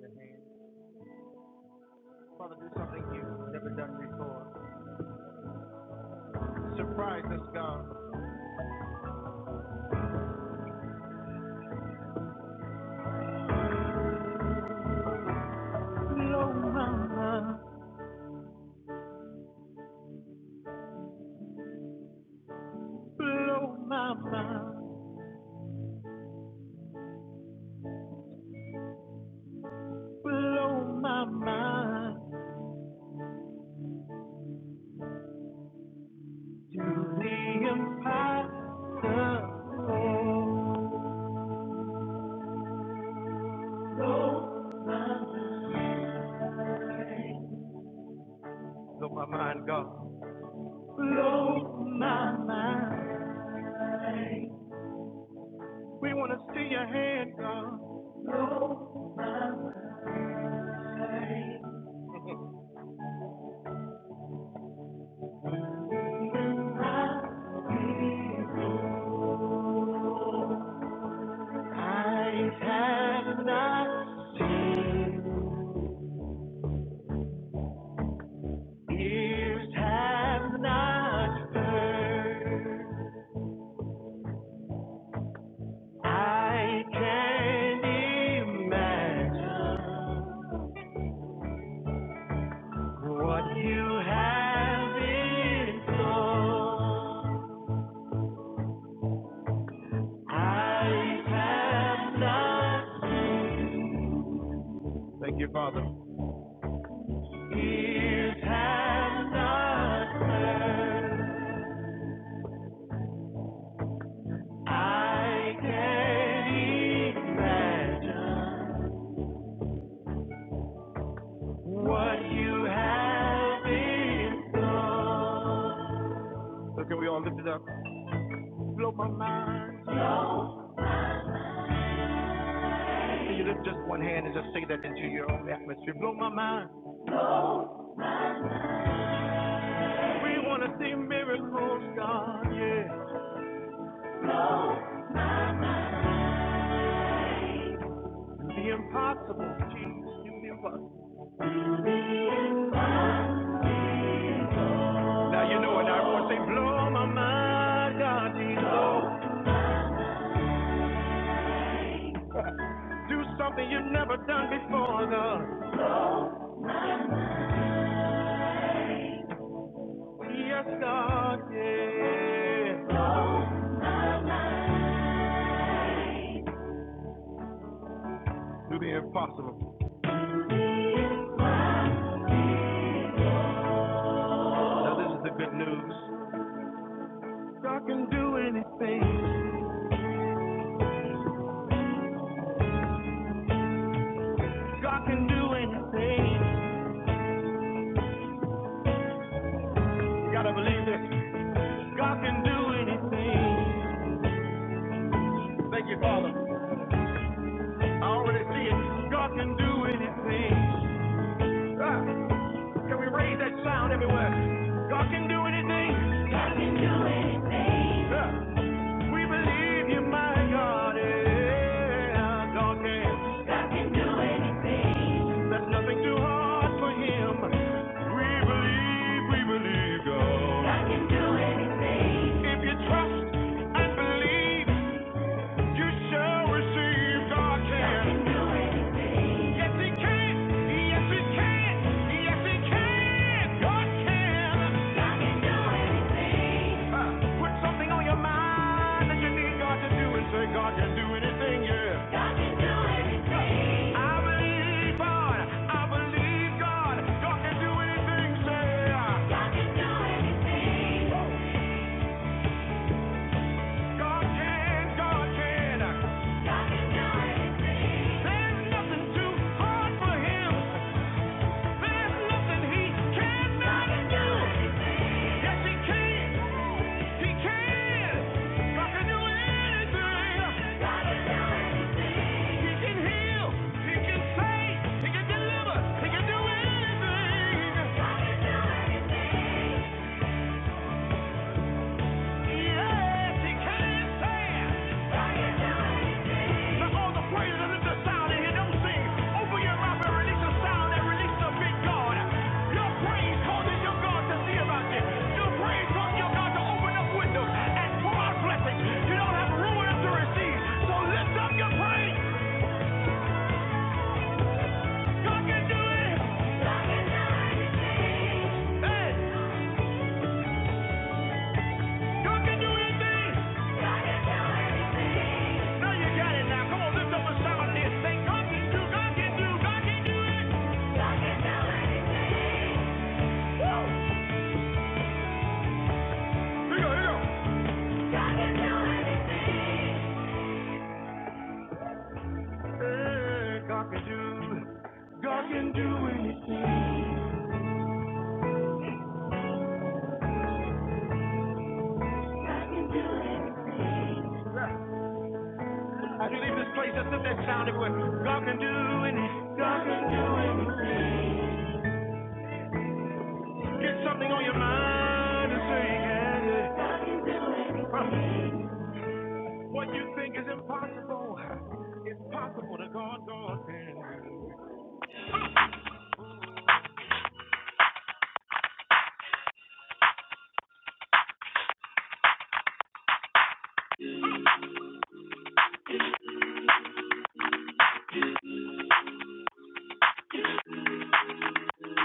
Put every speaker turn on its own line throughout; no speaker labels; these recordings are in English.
your hand. Father, do something you've never done before. Surprise us, God. Blow my mind, blow my mind, blow my mind. Do the impossible. Blow my mind, blow my mind, God. Blow my mind. We want to see your hand, God. Eyes have not seen. Ears have not heard. I can't imagine what you have in store. I have not. Thank you, Father. Ears have not heard. I can't imagine. What you have in store. So can we all lift it up? Blow my mind. Can you lift just one hand and just say that into your own atmosphere? Blow my mind. We want to see miracles, God, yeah. The impossible, Jesus, you the impossible. Now you know it. Now everyone say, blow my mind, God, Jesus. Do something you've never done before, God. Yes, God, yeah. Do the impossible. So this is the good news. God can do anything. God can do anything. You gotta believe this. God can do anything. Thank you, Father. I already see it. God can do anything. Ah. Can we raise that sound everywhere? God can do anything. God can do anything. Yeah. We believe you, my God. Yeah. God can. God can do anything. There's nothing too hard for him. We believe, we believe God. God can do anything. If you trust and believe. You shall receive God can. Yes, He can. Yes, He can. Yes, He can. God can. Uh, Put something on your mind that you need God to do and say, God can do anything, yeah. I believe God. I believe God. God can do anything, say. God can, God can. There's nothing too hard for Him. There's nothing He cannot do. Yes, He can. He can. God can do anything. He can heal. He can save. He can deliver. He can do anything. Yes, He can. To all the praise lift the sound in here, don't sing. Open your mouth and release the sound and release the big God. Your praise causes your God to see about this. Your praise causes your God to open up windows and pour out blessings. You don't have room enough to So lift up your praise. God can do it. Hey, God can do anything. Now you got it now. Come on, lift up a sound in Say, God can do, God can do, God can do. Here you go, here you go. God can do it. Hey, God can do, God can do anything. God can do anything. As you leave this place, just let that sound everywhere. God can do anything. God can do. Get something on your mind and say, yeah, yeah. God can do anything. What you think is impossible, it's possible to God, God can do.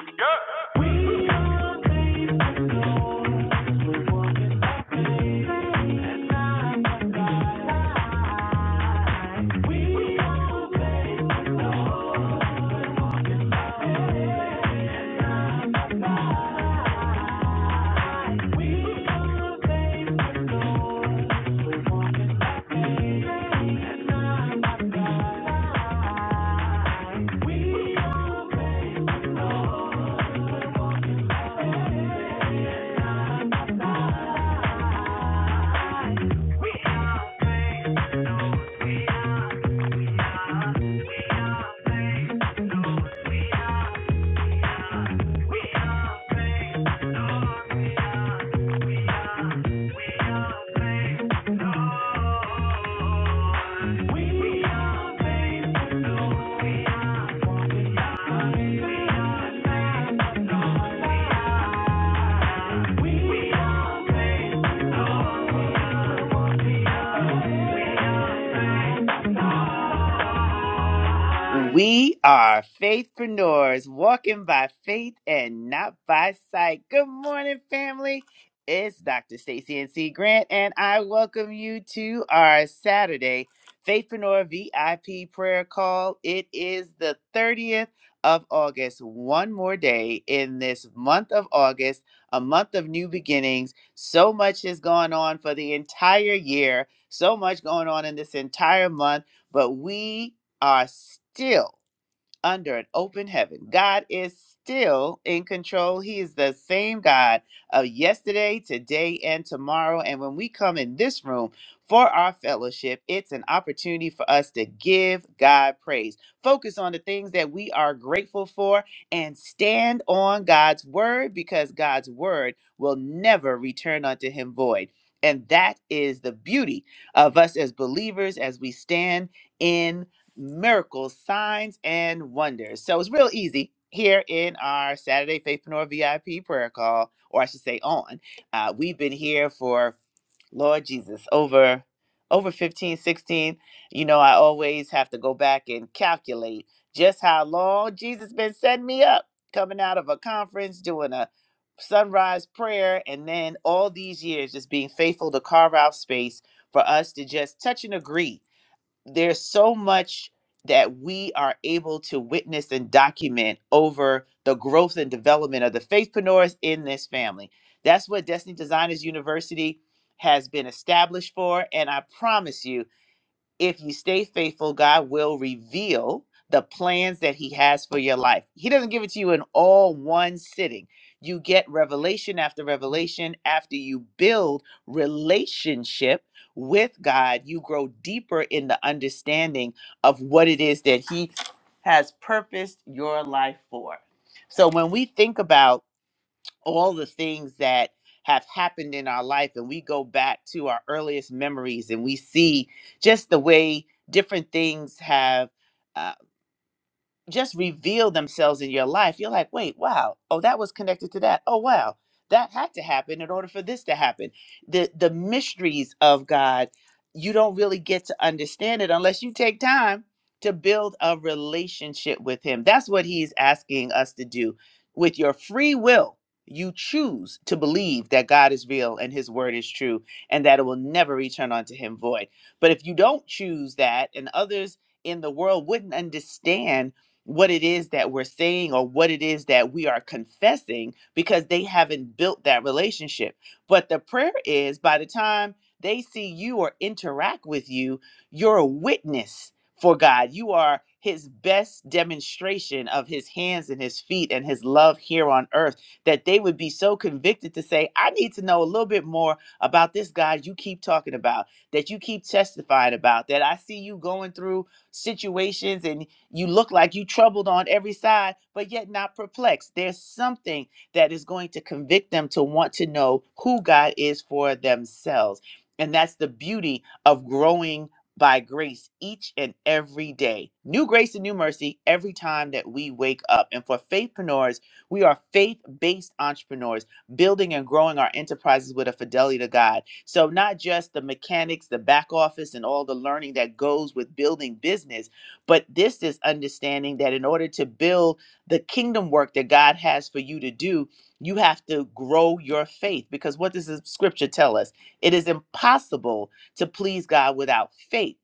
Yeah. We know the one is okay. And I'm a guy. We know that.
We are faithpreneurs walking by faith and not by sight. Good morning, family. It's Dr. Stacey NC Grant, and I welcome you to our Saturday Faithpreneur VIP prayer call. It is the 30th of August, one more day in this month of August, a month of new beginnings. So much has gone on for the entire year, so much going on in this entire month but we are still under an open heaven. God is still in control. He is the same God of yesterday, today, and tomorrow. And when we come in this room for our fellowship, it's an opportunity for us to give God praise. Focus on the things that we are grateful for and stand on God's word because God's word will never return unto him void. And that is the beauty of us as believers as we stand in miracles, signs, and wonders. So it's real easy here in our Saturday Faithpreneur VIP prayer call, or I should say on. Uh, we've been here for Lord Jesus over over 15, 16. You know, I always have to go back and calculate just how long Jesus been setting me up, coming out of a conference, doing a sunrise prayer, and then all these years just being faithful to carve out space for us to just touch and agree there's so much that we are able to witness and document over the growth and development of the faithpreneurs in this family. That's what Destiny Designers University has been established for. And I promise you, if you stay faithful, God will reveal the plans that He has for your life. He doesn't give it to you in all one sitting. You get revelation after revelation after you build relationship with God. You grow deeper in the understanding of what it is that He has purposed your life for. So when we think about all the things that have happened in our life and we go back to our earliest memories and we see just the way different things have uh, just reveal themselves in your life, you're like, wait, wow, oh, that was connected to that. Oh, wow, that had to happen in order for this to happen. The the mysteries of God, you don't really get to understand it unless you take time to build a relationship with Him. That's what He's asking us to do. With your free will, you choose to believe that God is real and His word is true, and that it will never return unto Him void. But if you don't choose that, and others in the world wouldn't understand what it is that we're saying or what it is that we are confessing because they haven't built that relationship. But the prayer is by the time they see you or interact with you, you're a witness for God. You are his best demonstration of his hands and his feet and his love here on earth that they would be so convicted to say, I need to know a little bit more about this God you keep talking about, that you keep testifying about, that I see you going through situations and." You look like you troubled on every side, but yet not perplexed. There's something that is going to convict them to want to know who God is for themselves. And that's the beauty of growing by grace each and every day. New grace and new mercy every time that we wake up. And for faithpreneurs, we are faith based entrepreneurs, building and growing our enterprises with a fidelity to God. So, not just the mechanics, the back office, and all the learning that goes with building business but this is understanding that in order to build the kingdom work that God has for you to do, you have to grow your faith. Because what does the scripture tell us? It is impossible to please God without faith.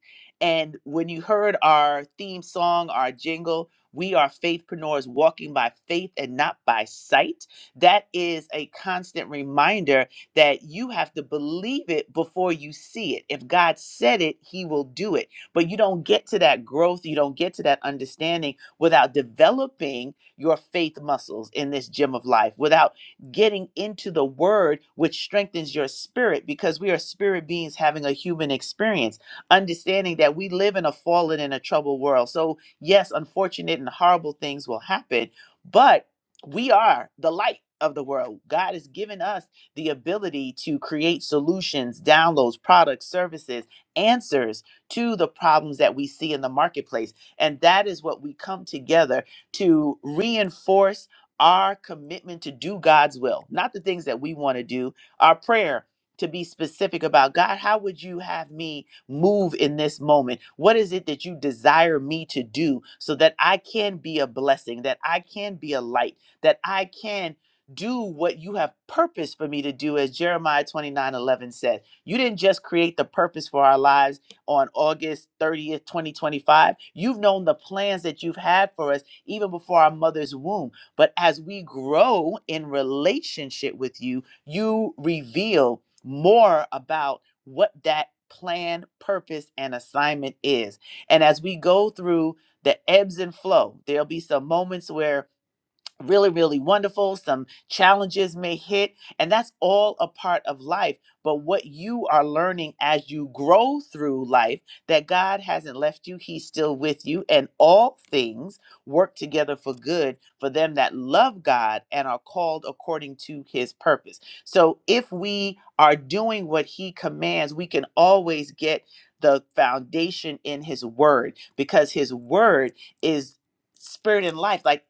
And when you heard our theme song, our jingle, we are faithpreneurs walking by faith and not by sight. That is a constant reminder that you have to believe it before you see it. If God said it, He will do it but you don't get to that growth, you don't get to that understanding without developing your faith muscles in this gym of life, without getting into the word, which strengthens your spirit because we are spirit beings having a human experience, understanding that we live in a fallen and a troubled world. So, yes, unfortunate and horrible things will happen, but we are the light of the world. God has given us the ability to create solutions, downloads, products, services, answers to the problems that we see in the marketplace. And that is what we come together to reinforce our commitment to do God's will, not the things that we want to do. Our prayer to be specific about God, how would you have me move in this moment? What is it that you desire me to do so that I can be a blessing, that I can be a light, that I can do what you have purpose for me to do as Jeremiah 29:11 said. You didn't just create the purpose for our lives, on August 30th, 2025. You've known the plans that you've had for us even before our mother's womb. But as we grow in relationship with you, you reveal more about what that plan, purpose, and assignment is. And as we go through the ebbs and flow, there'll be some moments where really, really wonderful. Some challenges may hit, and that's all a part of life. But what you are learning as you grow through life, that God hasn't left you, He's still with you, and all things work together for good for them that love God and are called according to His purpose. So if we are doing what He commands, we can always get the foundation in His Word because His Word is spirit and life. Like,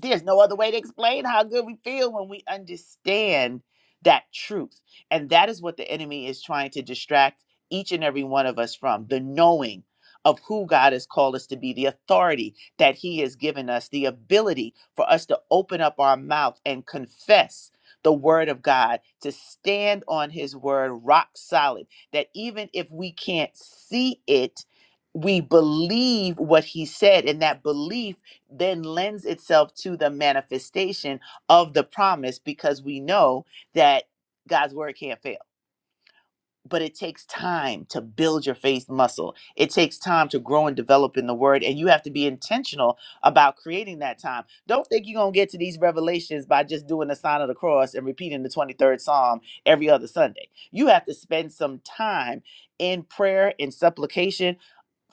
there's no other way to explain how good we feel when we understand that truth. And that is what the enemy is trying to distract each and every one of us from the knowing of who God has called us to be, the authority that He has given us, the ability for us to open up our mouth and confess the Word of God, to stand on His Word rock solid, that even if we can't see it, we believe what He said, and that belief then lends itself to the manifestation of the promise because we know that God's word can't fail. But it takes time to build your faith muscle. It takes time to grow and develop in the word. And you have to be intentional about creating that time. Don't think you're going to get to these revelations by just doing the sign of the cross and repeating the 23rd Psalm every other Sunday. You have to spend some time in prayer, in supplication,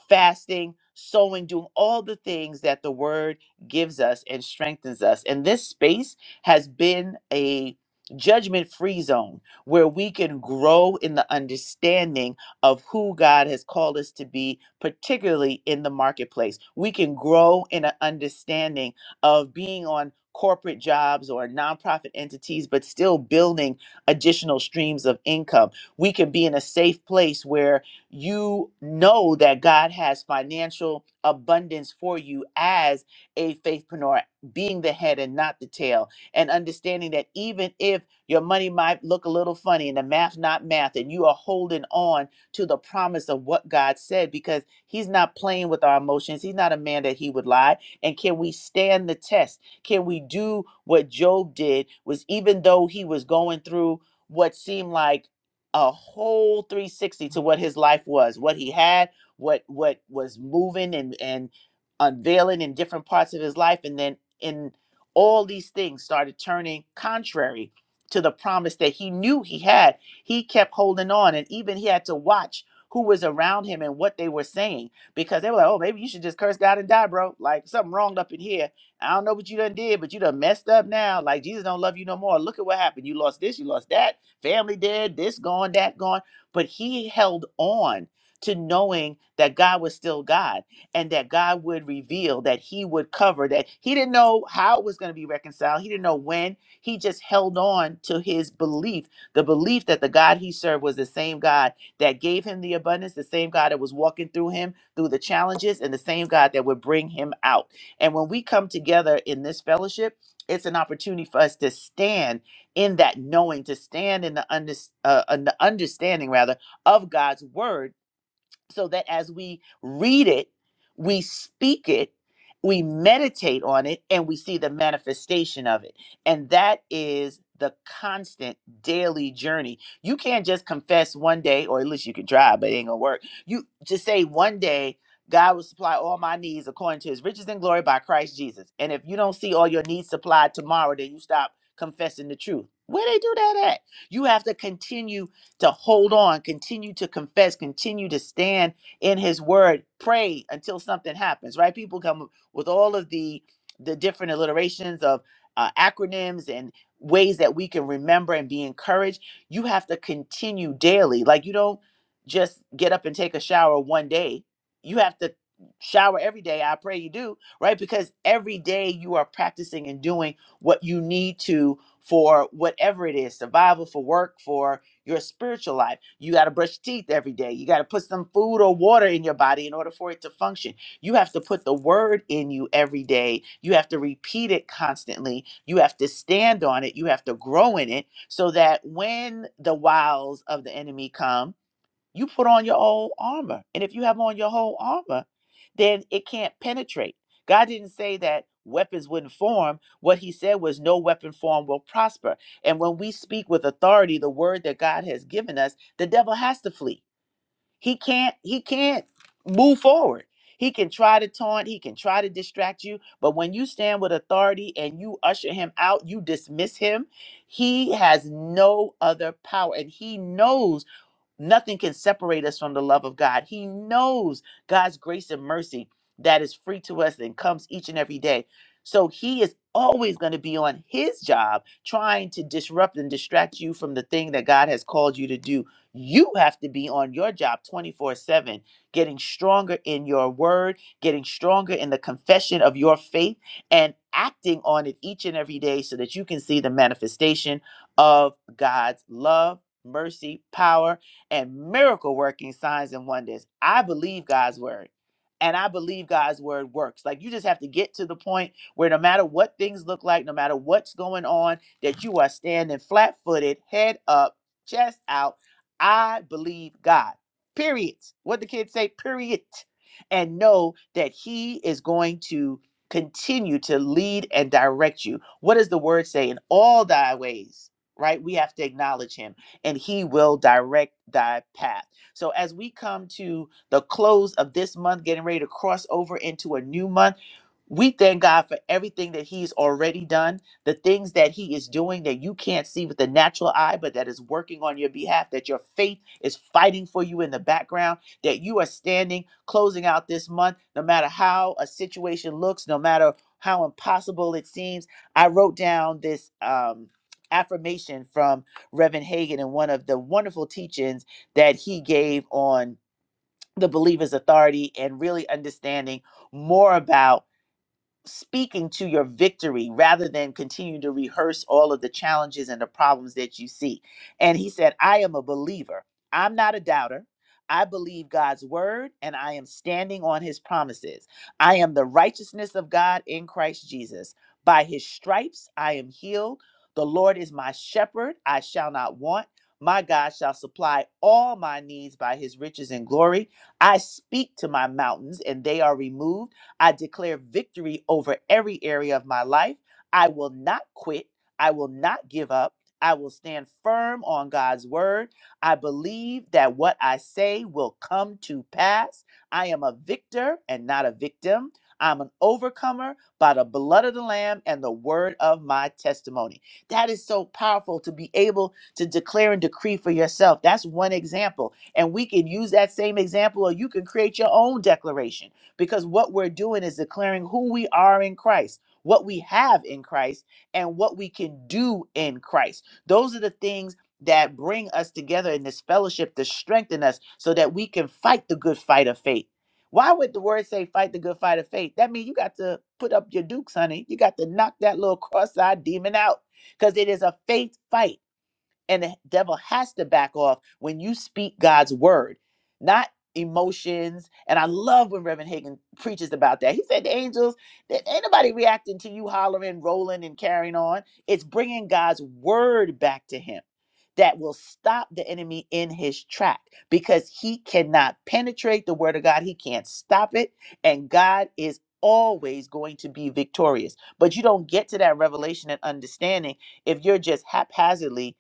fasting, sowing, doing all the things that the word gives us and strengthens us. And this space has been a judgment free zone where we can grow in the understanding of who God has called us to be, particularly in the marketplace. We can grow in an understanding of being on corporate jobs or nonprofit entities, but still building additional streams of income. We can be in a safe place where you know that God has financial abundance for you as a faithpreneur, being the head and not the tail, and understanding that even if your money might look a little funny and the math not math, and you are holding on to the promise of what God said because He's not playing with our emotions. He's not a man that He would lie. And can we stand the test? Can we do what Job did? Was even though he was going through what seemed like a whole 360 to what his life was, what he had, what what was moving and and unveiling in different parts of his life and then in all these things started turning contrary to the promise that he knew he had. He kept holding on and even he had to watch who was around him and what they were saying because they were like, "Oh, maybe you should just curse God and die, bro. Like something wrong up in here. I don't know what you done did, but you done messed up now. Like Jesus don't love you no more. Look at what happened. You lost this, you lost that." family dead, this gone, that gone. But he held on to knowing that God was still God and that God would reveal, that he would cover, that he didn't know how it was going to be reconciled. He didn't know when. He just held on to his belief, the belief that the God he served was the same God that gave him the abundance, the same God that was walking through him through the challenges, and the same God that would bring him out. And when we come together in this fellowship, it's an opportunity for us to stand in that knowing to stand in the, under, uh, in the understanding rather of God's word so that as we read it, we speak it, we meditate on it, and we see the manifestation of it. And that is the constant daily journey. You can't just confess one day, or at least you can try, but it ain't gonna work. You just say one day, God will supply all my needs according to his riches and glory by Christ Jesus. And if you don't see all your needs supplied tomorrow, then you stop confessing the truth. Where they do that at? You have to continue to hold on, continue to confess, continue to stand in his word, pray until something happens, right? People come with all of the the different alliterations of uh, acronyms and ways that we can remember and be encouraged. You have to continue daily. Like you don't just get up and take a shower one day. You have to shower every day. I pray you do, right? Because every day you are practicing and doing what you need to for whatever it is survival, for work, for your spiritual life. You got to brush teeth every day. You got to put some food or water in your body in order for it to function. You have to put the word in you every day. You have to repeat it constantly. You have to stand on it. You have to grow in it so that when the wiles of the enemy come, you put on your whole armor. And if you have on your whole armor, then it can't penetrate. God didn't say that weapons wouldn't form. What he said was no weapon form will prosper. And when we speak with authority, the word that God has given us, the devil has to flee. He can't, he can't move forward. He can try to taunt, he can try to distract you, but when you stand with authority and you usher him out, you dismiss him, he has no other power. And he knows Nothing can separate us from the love of God. He knows God's grace and mercy that is free to us and comes each and every day. So he is always going to be on his job trying to disrupt and distract you from the thing that God has called you to do. You have to be on your job 24 7, getting stronger in your word, getting stronger in the confession of your faith, and acting on it each and every day so that you can see the manifestation of God's love, mercy, power, and miracle working signs and wonders. I believe God's word. And I believe God's word works. Like you just have to get to the point where no matter what things look like, no matter what's going on, that you are standing flat footed, head up, chest out. I believe God. Period. What the kids say, period. And know that He is going to continue to lead and direct you. What does the word say? In all thy ways, right? We have to acknowledge Him and He will direct thy path. So, as we come to the close of this month, getting ready to cross over into a new month, we thank God for everything that He's already done, the things that He is doing that you can't see with the natural eye, but that is working on your behalf, that your faith is fighting for you in the background, that you are standing, closing out this month, no matter how a situation looks, no matter how impossible it seems. I wrote down this um, affirmation from Reverend Hagan in one of the wonderful teachings that he gave on the believer's authority and really understanding more about speaking to your victory rather than continuing to rehearse all of the challenges and the problems that you see. And he said, I am a believer. I'm not a doubter. I believe God's word and I am standing on his promises. I am the righteousness of God in Christ Jesus. By his stripes I am healed. The Lord is my shepherd. I shall not want. My God shall supply all my needs by his riches and glory. I speak to my mountains and they are removed I declare victory over every area of my life. I will not quit. I will not give up. I will stand firm on God's word. I believe that what I say will come to pass. I am a victor and not a victim. I'm an overcomer by the blood of the Lamb and the word of my testimony. That is so powerful to be able to declare and decree for yourself. That's one example. And we can use that same example, or you can create your own declaration because what we're doing is declaring who we are in Christ, what we have in Christ, and what we can do in Christ. Those are the things that bring us together in this fellowship to strengthen us so that we can fight the good fight of faith. Why would the word say fight the good fight of faith? That means you got to put up your dukes, honey. You got to knock that little cross-eyed demon out because it is a faith fight. And the devil has to back off when you speak God's word, not emotions. And I love when Reverend Hagan preaches about that. He said the angels, that ain't nobody reacting to you hollering, rolling, and carrying on. It's bringing God's word back to him that will stop the enemy in his track because he cannot penetrate the word of God. He can't stop it. And God is always going to be victorious. But you don't get to that revelation and understanding if you're just haphazardly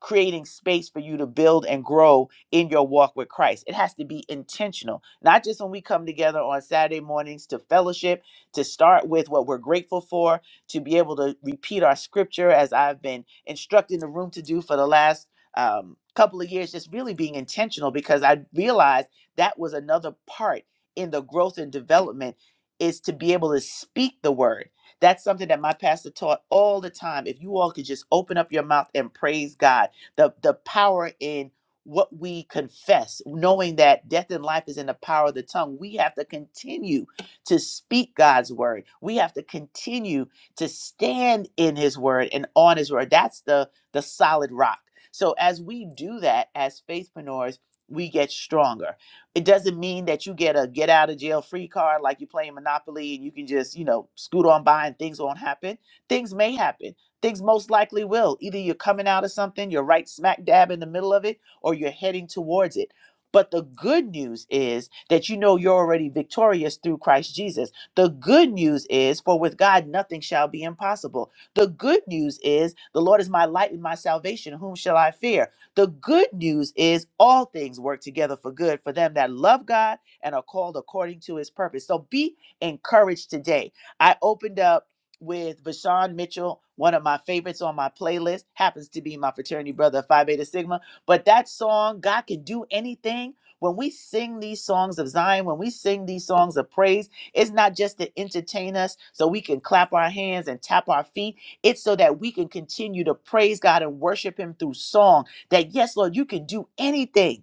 creating space for you to build and grow in your walk with Christ. It has to be intentional, not just when we come together on Saturday mornings to fellowship, to start with what we're grateful for, to be able to repeat our scripture as I've been instructing the room to do for the last um, couple of years, just really being intentional because I realized that was another part in the growth and development is to be able to speak the word. That's something that my pastor taught all the time. If you all could just open up your mouth and praise God the the power in what we confess, knowing that death and life is in the power of the tongue. We have to continue to speak God's word. We have to continue to stand in his word and on his word. That's the the solid rock. So as we do that as faithpreneurs, we get stronger. It doesn't mean that you get a get out of jail free card like you're playing Monopoly and you can just, you know, scoot on by and things won't happen. Things may happen things most likely will. Either you're coming out of something, you're right smack dab in the middle of it, or you're heading towards it. But the good news is that you know you're already victorious through Christ Jesus. The good news is, for with God nothing shall be impossible. The good news is, the Lord is my light and my salvation. Whom shall I fear? The good news is, all things work together for good for them that love God and are called according to his purpose. So be encouraged today. I opened up with Vashawn Mitchell, one of my favorites on my playlist, happens to be my fraternity brother, Phi Beta Sigma. But that song, God Can Do Anything, when we sing these songs of Zion, when we sing these songs of praise, it's not just to entertain us so we can clap our hands and tap our feet. It's so that we can continue to praise God and worship Him through song. That, yes, Lord, you can do anything.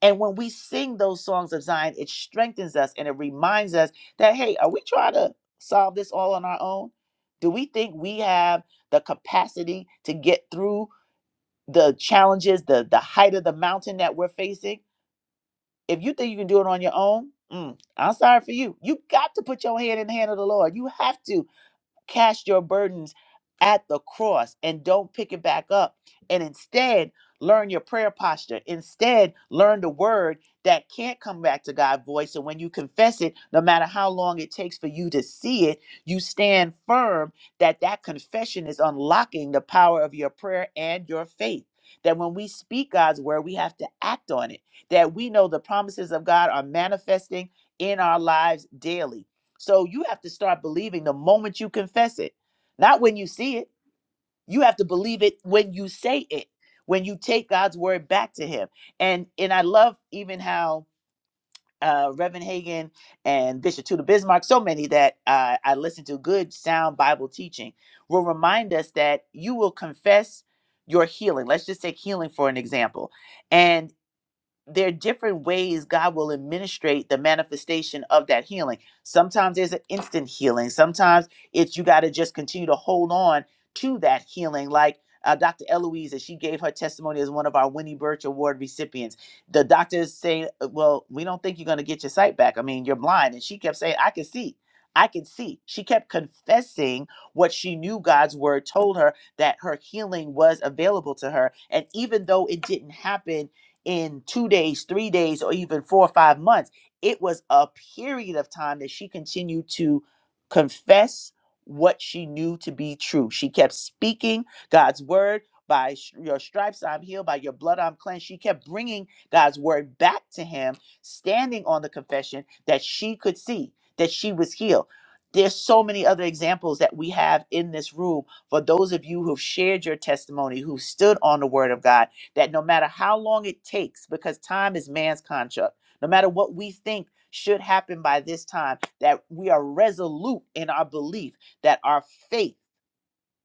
And when we sing those songs of Zion, it strengthens us and it reminds us that, hey, are we trying to solve this all on our own? Do we think we have the capacity to get through the challenges, the, the height of the mountain that we're facing? If you think you can do it on your own, mm, I'm sorry for you. You got to put your hand in the hand of the Lord. You have to. Cast your burdens at the cross and don't pick it back up. And instead, learn your prayer posture. Instead, learn the word that can't come back to God's voice. And when you confess it, no matter how long it takes for you to see it, you stand firm that that confession is unlocking the power of your prayer and your faith. That when we speak God's word, we have to act on it. That we know the promises of God are manifesting in our lives daily so you have to start believing the moment you confess it, not when you see it. You have to believe it when you say it, when you take God's word back to Him. And and I love even how uh, Reverend Hagan and Bishop Tudor Bismarck, so many that uh, I listen to, good sound Bible teaching, will remind us that you will confess your healing. Let's just take healing for an example. and there are different ways God will administrate the manifestation of that healing. Sometimes there's an instant healing. Sometimes it's you got to just continue to hold on to that healing. Like uh, Dr. Eloise, as she gave her testimony as one of our Winnie Birch Award recipients, the doctors say, uh, "Well, we don't think you're going to get your sight back. I mean, you're blind." And she kept saying, "I can see." I can see. She kept confessing what she knew God's word told her that her healing was available to her. And even though it didn't happen in two days, three days, or even four or five months. It was a period of time that she continued to confess what she knew to be true. She kept speaking God's word. By sh- your stripes, I'm healed. By your blood, I'm cleansed. She kept bringing God's word back to him, standing on the confession that she could see that she was healed. There's so many other examples that we have in this room for those of you who've shared your testimony, who stood on the word of God that no matter how long it takes, because time is man's construct, no matter what we think should happen by this time, that we are resolute in our belief that our faith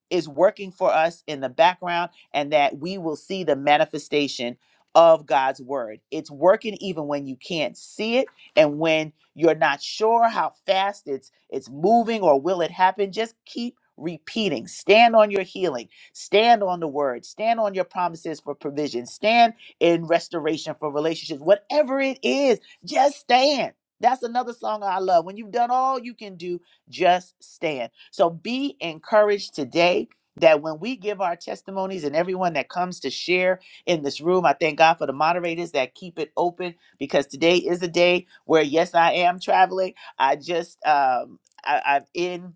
is working for us in the background and that we will see the manifestation of God's word. It's working even when you can't see it and when you're not sure how fast it's it's moving or will it happen. Just keep repeating. Stand on your healing. Stand on the word. Stand on your promises for provision. Stand in restoration for relationships. Whatever it is, just stand. That's another song I love. When you've done all you can do, just stand. So be encouraged today that when we give our testimonies and everyone that comes to share in this room, I thank God for the moderators that keep it open because today is a day where, yes, I am traveling. I just, um, I, I'm in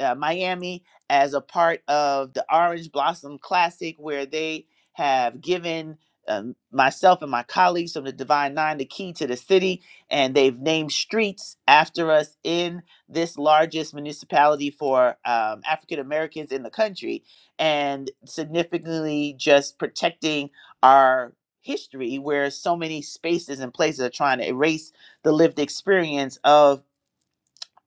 uh, Miami as a part of the Orange Blossom Classic where they have given um, myself and my colleagues from the Divine Nine the key to the city, and they've named streets after us in this largest municipality for um, African Americans in the country and significantly just protecting our history where so many spaces and places are trying to erase the lived experience of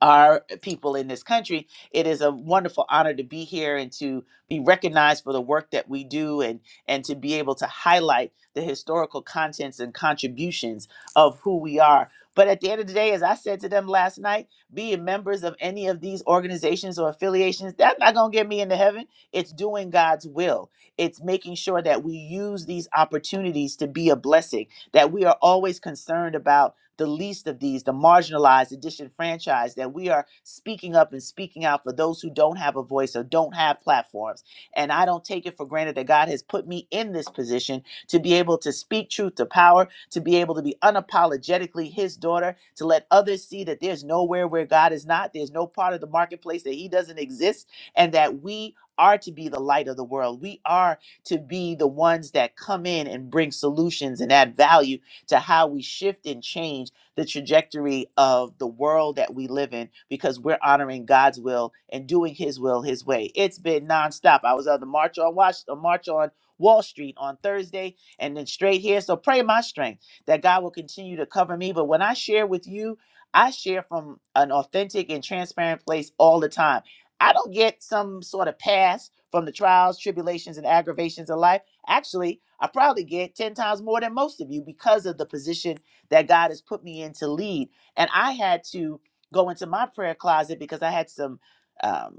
our people in this country. It is a wonderful honor to be here and to be recognized for the work that we do and and to be able to highlight the historical contents and contributions of who we are. But at the end of the day, as I said to them last night, being members of any of these organizations or affiliations, that's not going to get me into heaven. It's doing God's will. It's making sure that we use these opportunities to be a blessing, that we are always concerned about the least of these, the marginalized, the disenfranchised, that we are speaking up and speaking out for those who don't have a voice or don't have platforms. And I don't take it for granted that God has put me in this position to be able to speak truth to power, to be able to be unapologetically His daughter, to let others see that there's nowhere where God is not, there's no part of the marketplace that He doesn't exist, and that we are to be the light of the world. We are to be the ones that come in and bring solutions and add value to how we shift and change the trajectory of the world that we live in because we're honoring God's will and doing His will His way. It's been nonstop. I was on the march on Wash, uh, march on Wall Street on Thursday, and then straight here. So pray my strength that God will continue to cover me. But when I share with you, I share from an authentic and transparent place all the time. I don't get some sort of pass from the trials, tribulations, and aggravations of life. Actually, I probably get 10 times more than most of you because of the position that God has put me in to lead. And I had to go into my prayer closet because I had some. um,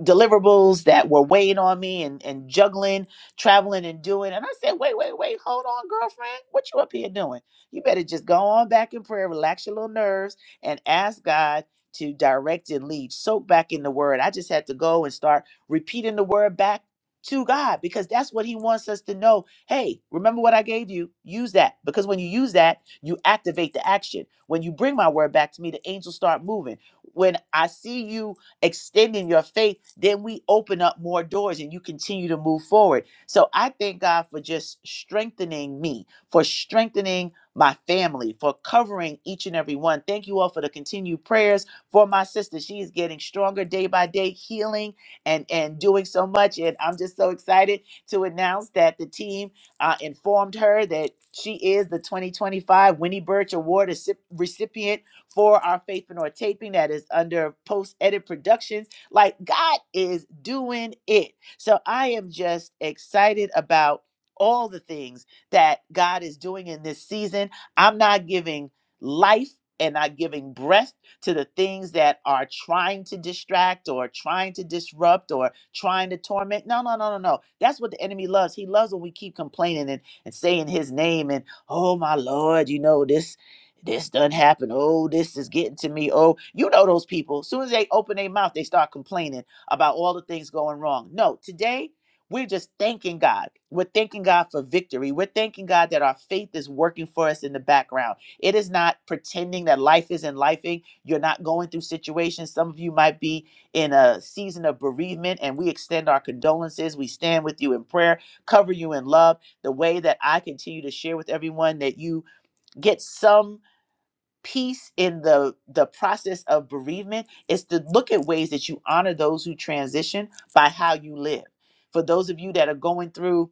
deliverables that were weighing on me and, and juggling, traveling and doing. And I said, wait, wait, wait, hold on, girlfriend. What you up here doing? You better just go on back in prayer, relax your little nerves, and ask God to direct and lead. Soak back in the word. I just had to go and start repeating the word back to God because that's what He wants us to know. Hey, remember what I gave you? Use that. Because when you use that, you activate the action. When you bring my word back to me, the angels start moving when I see you extending your faith, then we open up more doors and you continue to move forward. So I thank God for just strengthening me, for strengthening my family, for covering each and every one. Thank you all for the continued prayers for my sister. She is getting stronger day by day, healing and and doing so much. And I'm just so excited to announce that the team uh, informed her that she is the 2025 Winnie Birch Award recip- recipient for our Faith Fenor taping that is under Post Edit Productions. Like God is doing it. So I am just excited about all the things that God is doing in this season. I'm not giving life and not giving breath to the things that are trying to distract or trying to disrupt or trying to torment. No, no, no, no, no. That's what the enemy loves. He loves when we keep complaining and, and saying his name and, oh my Lord, you know, this this done happened. Oh, this is getting to me. Oh, you know those people. As soon as they open their mouth, they start complaining about all the things going wrong. No, today we're just thanking God. We're thanking God for victory. We're thanking God that our faith is working for us in the background. It is not pretending that life isn't lifing. You're not going through situations. Some of you might be in a season of bereavement, and we extend our condolences. We stand with you in prayer, cover you in love. The way that I continue to share with everyone that you get some peace in the the process of bereavement is to look at ways that you honor those who transition by how you live for those of you that are going through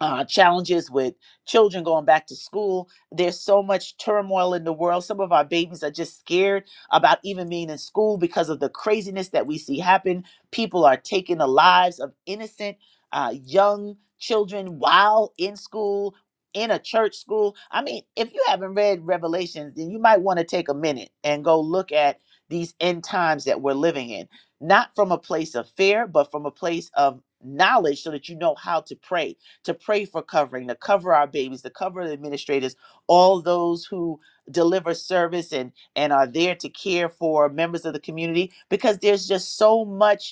uh, challenges with children going back to school. There's so much turmoil in the world. Some of our babies are just scared about even being in school because of the craziness that we see happen. People are taking the lives of innocent uh, young children while in school. In a church school. I mean, if you haven't read Revelations, then you might want to take a minute and go look at these end times that we're living in, not from a place of fear, but from a place of knowledge so that you know how to pray to pray for covering, to cover our babies, to cover the administrators, all those who deliver service and and are there to care for members of the community because there's just so much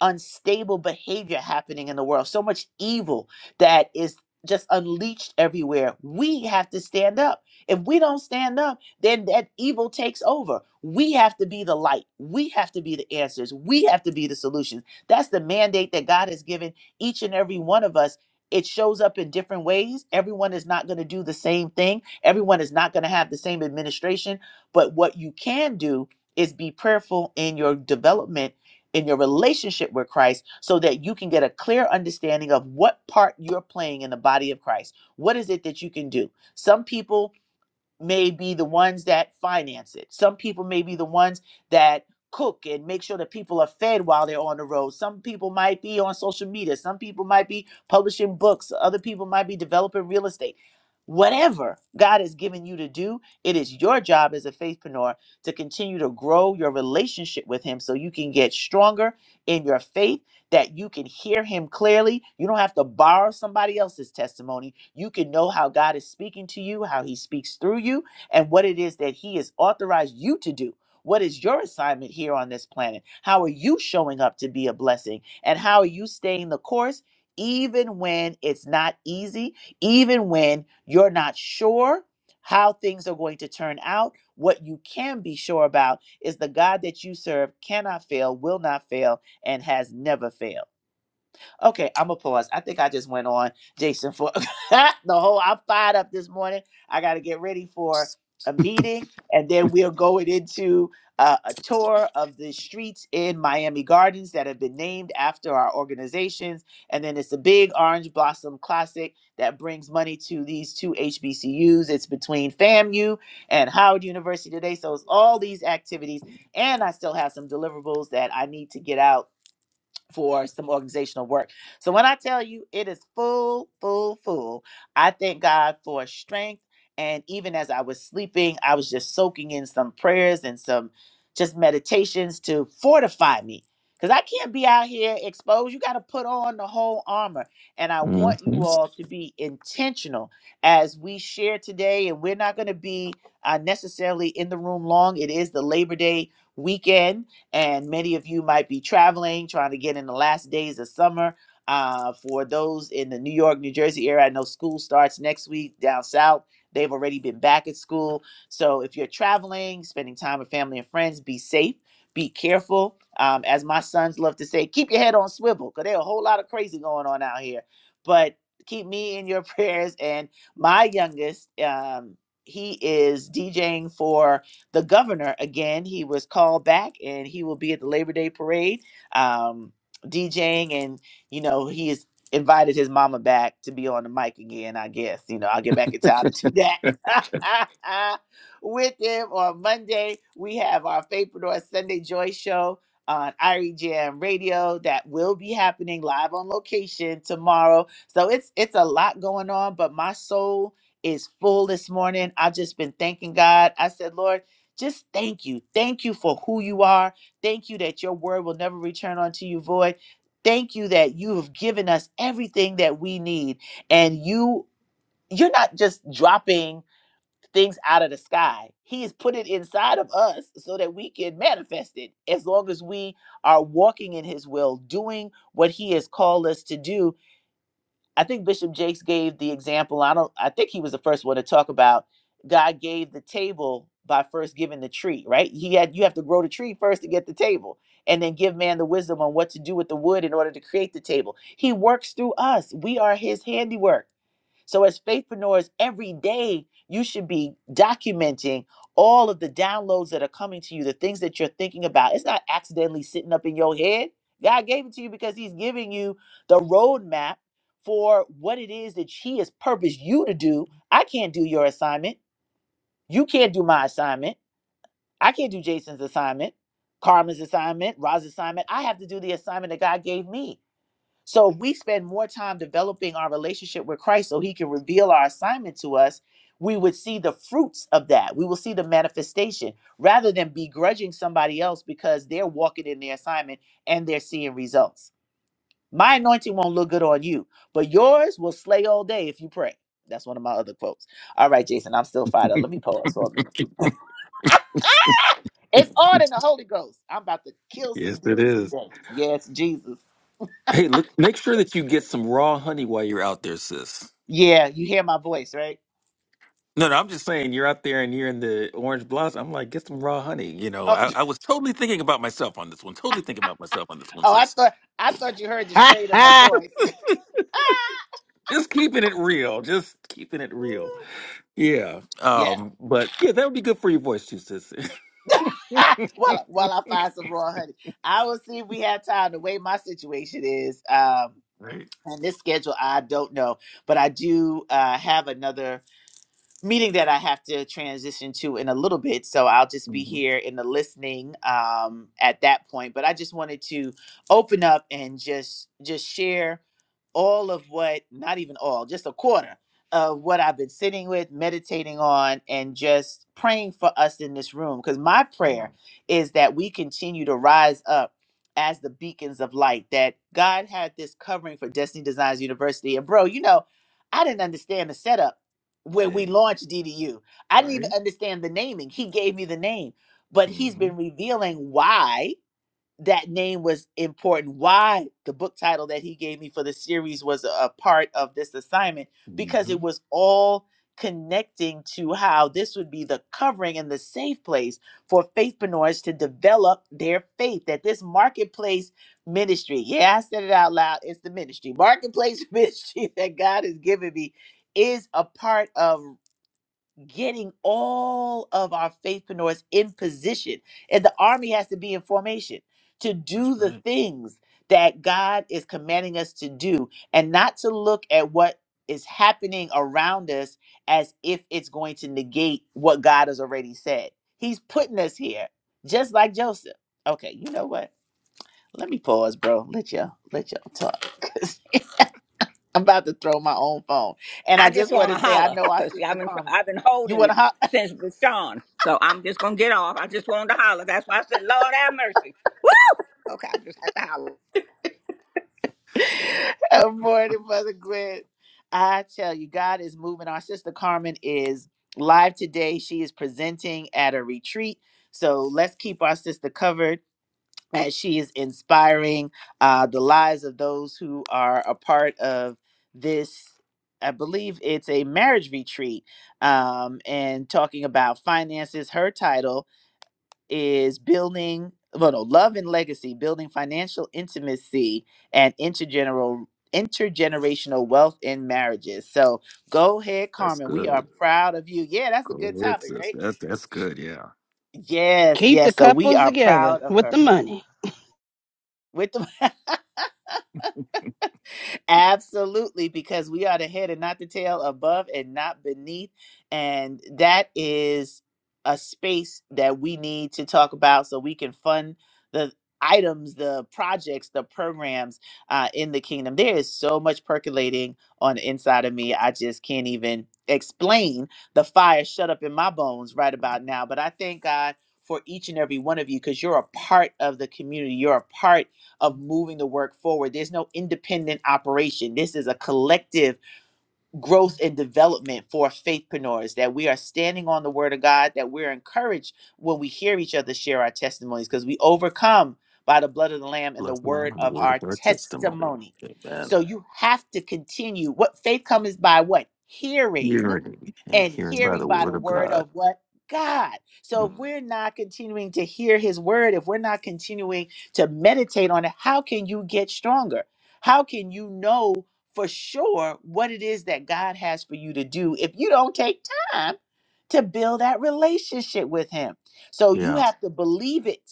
unstable behavior happening in the world, so much evil that is just unleashed everywhere. We have to stand up. If we don't stand up, then that evil takes over. We have to be the light. We have to be the answers. We have to be the solutions. That's the mandate that God has given each and every one of us. It shows up in different ways. Everyone is not going to do the same thing. Everyone is not going to have the same administration. But what you can do is be prayerful in your development in your relationship with Christ so that you can get a clear understanding of what part you're playing in the body of Christ. What is it that you can do? Some people may be the ones that finance it. Some people may be the ones that cook and make sure that people are fed while they're on the road. Some people might be on social media. Some people might be publishing books. Other people might be developing real estate. Whatever God has given you to do, it is your job as a faithpreneur to continue to grow your relationship with Him so you can get stronger in your faith that you can hear him clearly. You don't have to borrow somebody else's testimony. You can know how God is speaking to you, how he speaks through you, and what it is that he has authorized you to do. What is your assignment here on this planet? How are you showing up to be a blessing? And how are you staying the course, even when it's not easy, even when you're not sure how things are going to turn out? What you can be sure about is the God that you serve cannot fail, will not fail, and has never failed. Okay, I'm gonna pause. I think I just went on Jason for the whole. I'm fired up this morning. I got to get ready for a meeting, and then we're going into uh, a tour of the streets in Miami Gardens that have been named after our organizations. And then it's a big orange blossom classic that brings money to these two HBCUs. It's between FAMU and Howard University today. So it's all these activities, and I still have some deliverables that I need to get out for some organizational work. So when I tell you it is full, full, full, I thank God for strength. And even as I was sleeping, I was just soaking in some prayers and some just meditations to fortify me. Because I can't be out here exposed. You got to put on the whole armor. And I
Mhm.
want you all to be intentional as we share today. And we're not going to be uh, necessarily in the room long. It is the Labor Day weekend and many of you might be traveling, trying to get in the last days of summer. Uh, for those in the New York, New Jersey area, I know school starts next week down south. They've already been back at school. So if you're traveling, spending time with family and friends, be safe, be careful. Um, as my sons love to say, keep your head on swivel because there's a whole lot of crazy going on out here. But keep me in your prayers. And my youngest, um, he is DJing for the governor again. He was called back, and he will be at the Labor Day parade, um, DJing, and you know he has invited his mama back to be on the mic again. I guess you know I'll get back in town to do that with him on Monday. We have our Favorite Sunday Joy Show on IRE Jam Radio that will be happening live on location tomorrow. So it's it's a lot going on, but my soul is full this morning. I've just been thanking God. I said, Lord just thank you. Thank you for who you are. Thank you that your word will never return unto you void. Thank you that you have given us everything that we need. And you you're not just dropping things out of the sky. He has put it inside of us so that we can manifest it as long as we are walking in his will, doing what he has called us to do I think Bishop Jakes gave the example. I don't. I think he was the first one to talk about God gave the table by first giving the tree. Right? He had you have to grow the tree first to get the table, and then give man the wisdom on what to do with the wood in order to create the table. He works through us. We are His handiwork. So, as faithpreneurs, every day you should be documenting all of the downloads that are coming to you, the things that you're thinking about. It's not accidentally sitting up in your head. God gave it to you because He's giving you the roadmap for what it is that He has purposed you to do. I can't do your assignment. You can't do my assignment. I can't do Jason's assignment, Carmen's assignment, Roz's assignment. I have to do the assignment that God gave me. So if we spend more time developing our relationship with Christ so he can reveal our assignment to us, we would see the fruits of that. We will see the manifestation rather than begrudging somebody else because they're walking in their assignment and they're seeing results. My anointing won't look good on you, but yours will slay all day if you pray. That's one of my other quotes. All right, Jason, I'm still fired up. Let me pause for a minute. It's on in the Holy Ghost. I'm about to kill some
yes, it
demons
is.
today. Yes, Jesus.
Hey, look, make sure that you get some raw honey while you're out there, sis.
Yeah, you hear my voice, right?
No, no, I'm just saying you're out there and you're in the orange blossom. I'm like, get some raw honey. You
Oh,
know, I, I was totally thinking about myself on this one. Totally thinking about myself on this one,
Oh, I
sis.
thought I thought you heard the
Ha
strain of my
ha!
voice.
Just keeping it real. Just keeping it real. Yeah.
yes.
Um, but yeah, that would be good for your voice too, sis.
while while I find some raw honey, I will see if we have time. The way my situation is, um,
right.
and this schedule, I don't know, but I do uh, have another meeting that I have to transition to in a little bit. So I'll just be
hmm
here in the listening um, at that point. But I just wanted to open up and just just share. all of what, not even all, just a quarter of what I've been sitting with, meditating on, and just praying for us in this room. Because my
Yeah.
prayer is that we continue to rise up as the beacons of light, that God had this covering for Destiny Designs University. And, bro, you know, I didn't understand the setup when we
Day.
launched DDU, I didn't even
Right?
understand the naming. He gave me the name, but he's
hmm
been revealing why that name was important. Why the book title that he gave me for the series was a a part of this assignment because
hmm
it was all connecting to how this would be the covering and the safe place for faithpreneurs to develop their faith that this marketplace ministry yeah i said it out loud it's the ministry marketplace ministry that god has given me is a part of getting all of our faithpreneurs in position. And the army has to be in formation to
That's
do the
right.
things that God is commanding us to do and not to look at what is happening around us as if it's going to negate what God has already said. He's putting us here, just like Joseph. Okay, you know what? Let me pause, bro. Let y'all let y'all talk. 'Cause I'm about to throw my own phone. And I
I just
just want
want
to
to
say I
holler
know our
because
sister
I've been
Carmen.
I've been
You
holding
wanna
it
hop?
since Bashan. So I'm just gonna get off. I just wanted to holler. That's why I said, Lord have mercy. Woo! Okay, I just had to holler.
Good morning, Mother Gwen. I tell you, God is moving. Our sister Carmen is live today. She is presenting at a retreat. So let's keep our sister covered as she is inspiring uh, the lives of those who are a part of this. I believe it's a marriage retreat um, and talking about finances. Her title is building well, no, love and legacy, building financial intimacy and intergeneral intergenerational wealth in marriages. So go ahead,
That's
Carmen. We are
good.
proud of you. Yeah, that's a
Go
good
ahead,
topic,
sis.
right?
That's that's good. Yeah.
Yes,
Keep the
yes. So we
couples
are
together
proud of
with the
her.
money.
With the Absolutely, because we are the head and not the tail, above and not beneath. And that is a space that we need to talk about so we can fund the items, the projects, the programs uh, in the kingdom. There is so much percolating on the inside of me. I just can't even explain the fire shut up in my bones right about now. But I thank God for each and every one of you because you're a part of the community. You're a part of moving the work forward. There's no independent operation. This is a collective growth and development for faithpreneurs that we are standing on the word of God, that we're encouraged when we hear each other share our testimonies because we overcome by the blood of the Lamb and the
Bless the Lamb
word
and the
of
word of
our
our testimony.
testimony.
Amen.
So you have to continue. What faith comes by what? Hearing
Hearing and
and
hearing by
hearing
the
by the
word of
word
God.
of what? God. So if
Mm,
we're not continuing to hear his word, if we're not continuing to meditate on it, how can you get stronger? How can you know for sure what it is that God has for you to do if you don't take time to build that relationship with him? So you
Yeah.
have to believe it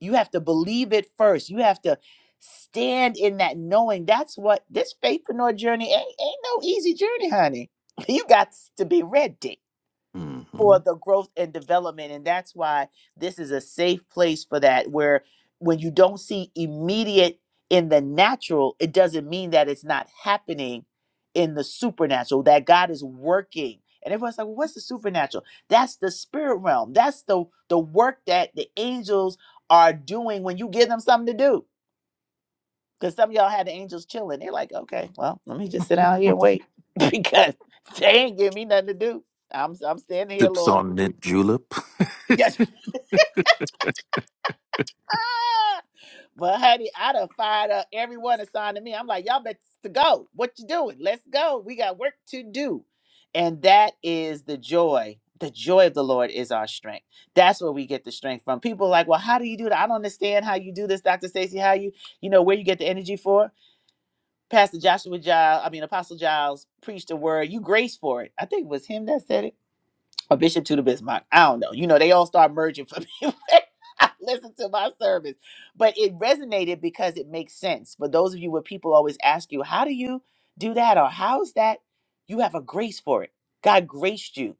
you have to believe it first. You have to stand in that knowing. That's what this faithpreneur journey ain't, ain't no easy journey, honey. You got to be ready
hmm
for the growth and development. And that's why this is a safe place for that, where when you don't see immediate in the natural, it doesn't mean that it's not happening in the supernatural, that God is working. And everyone's like, well, what's the supernatural? That's the spirit realm. That's the the work that the angels are doing when you give them something to do. Because some of y'all had the angels chilling. They're like, okay, well, let me just sit down here and wait. because they ain't giving me nothing to do. I'm I'm standing here,
Sips
Lord.
on mint julep.
yes." but honey, I done fired up everyone assigned to me. I'm like, y'all bet to go. What you doing? Let's go. We got work to do. And that is the joy. The joy of the Lord is our strength. That's where we get the strength from. People are like, well, how do you do that? I don't understand how you do this, Dr. Stacy. How you, you know, where you get the energy for? Pastor Joshua Giles, I mean Apostle Giles preached a word. You grace for it. I think it was him that said it or Bishop to the Bismarck. I don't know. You know, they all start merging for me I listen to my service. But it resonated because it makes sense. For those of you where people always ask you, how do you do that? Or how's that? You have a grace for it. God graced you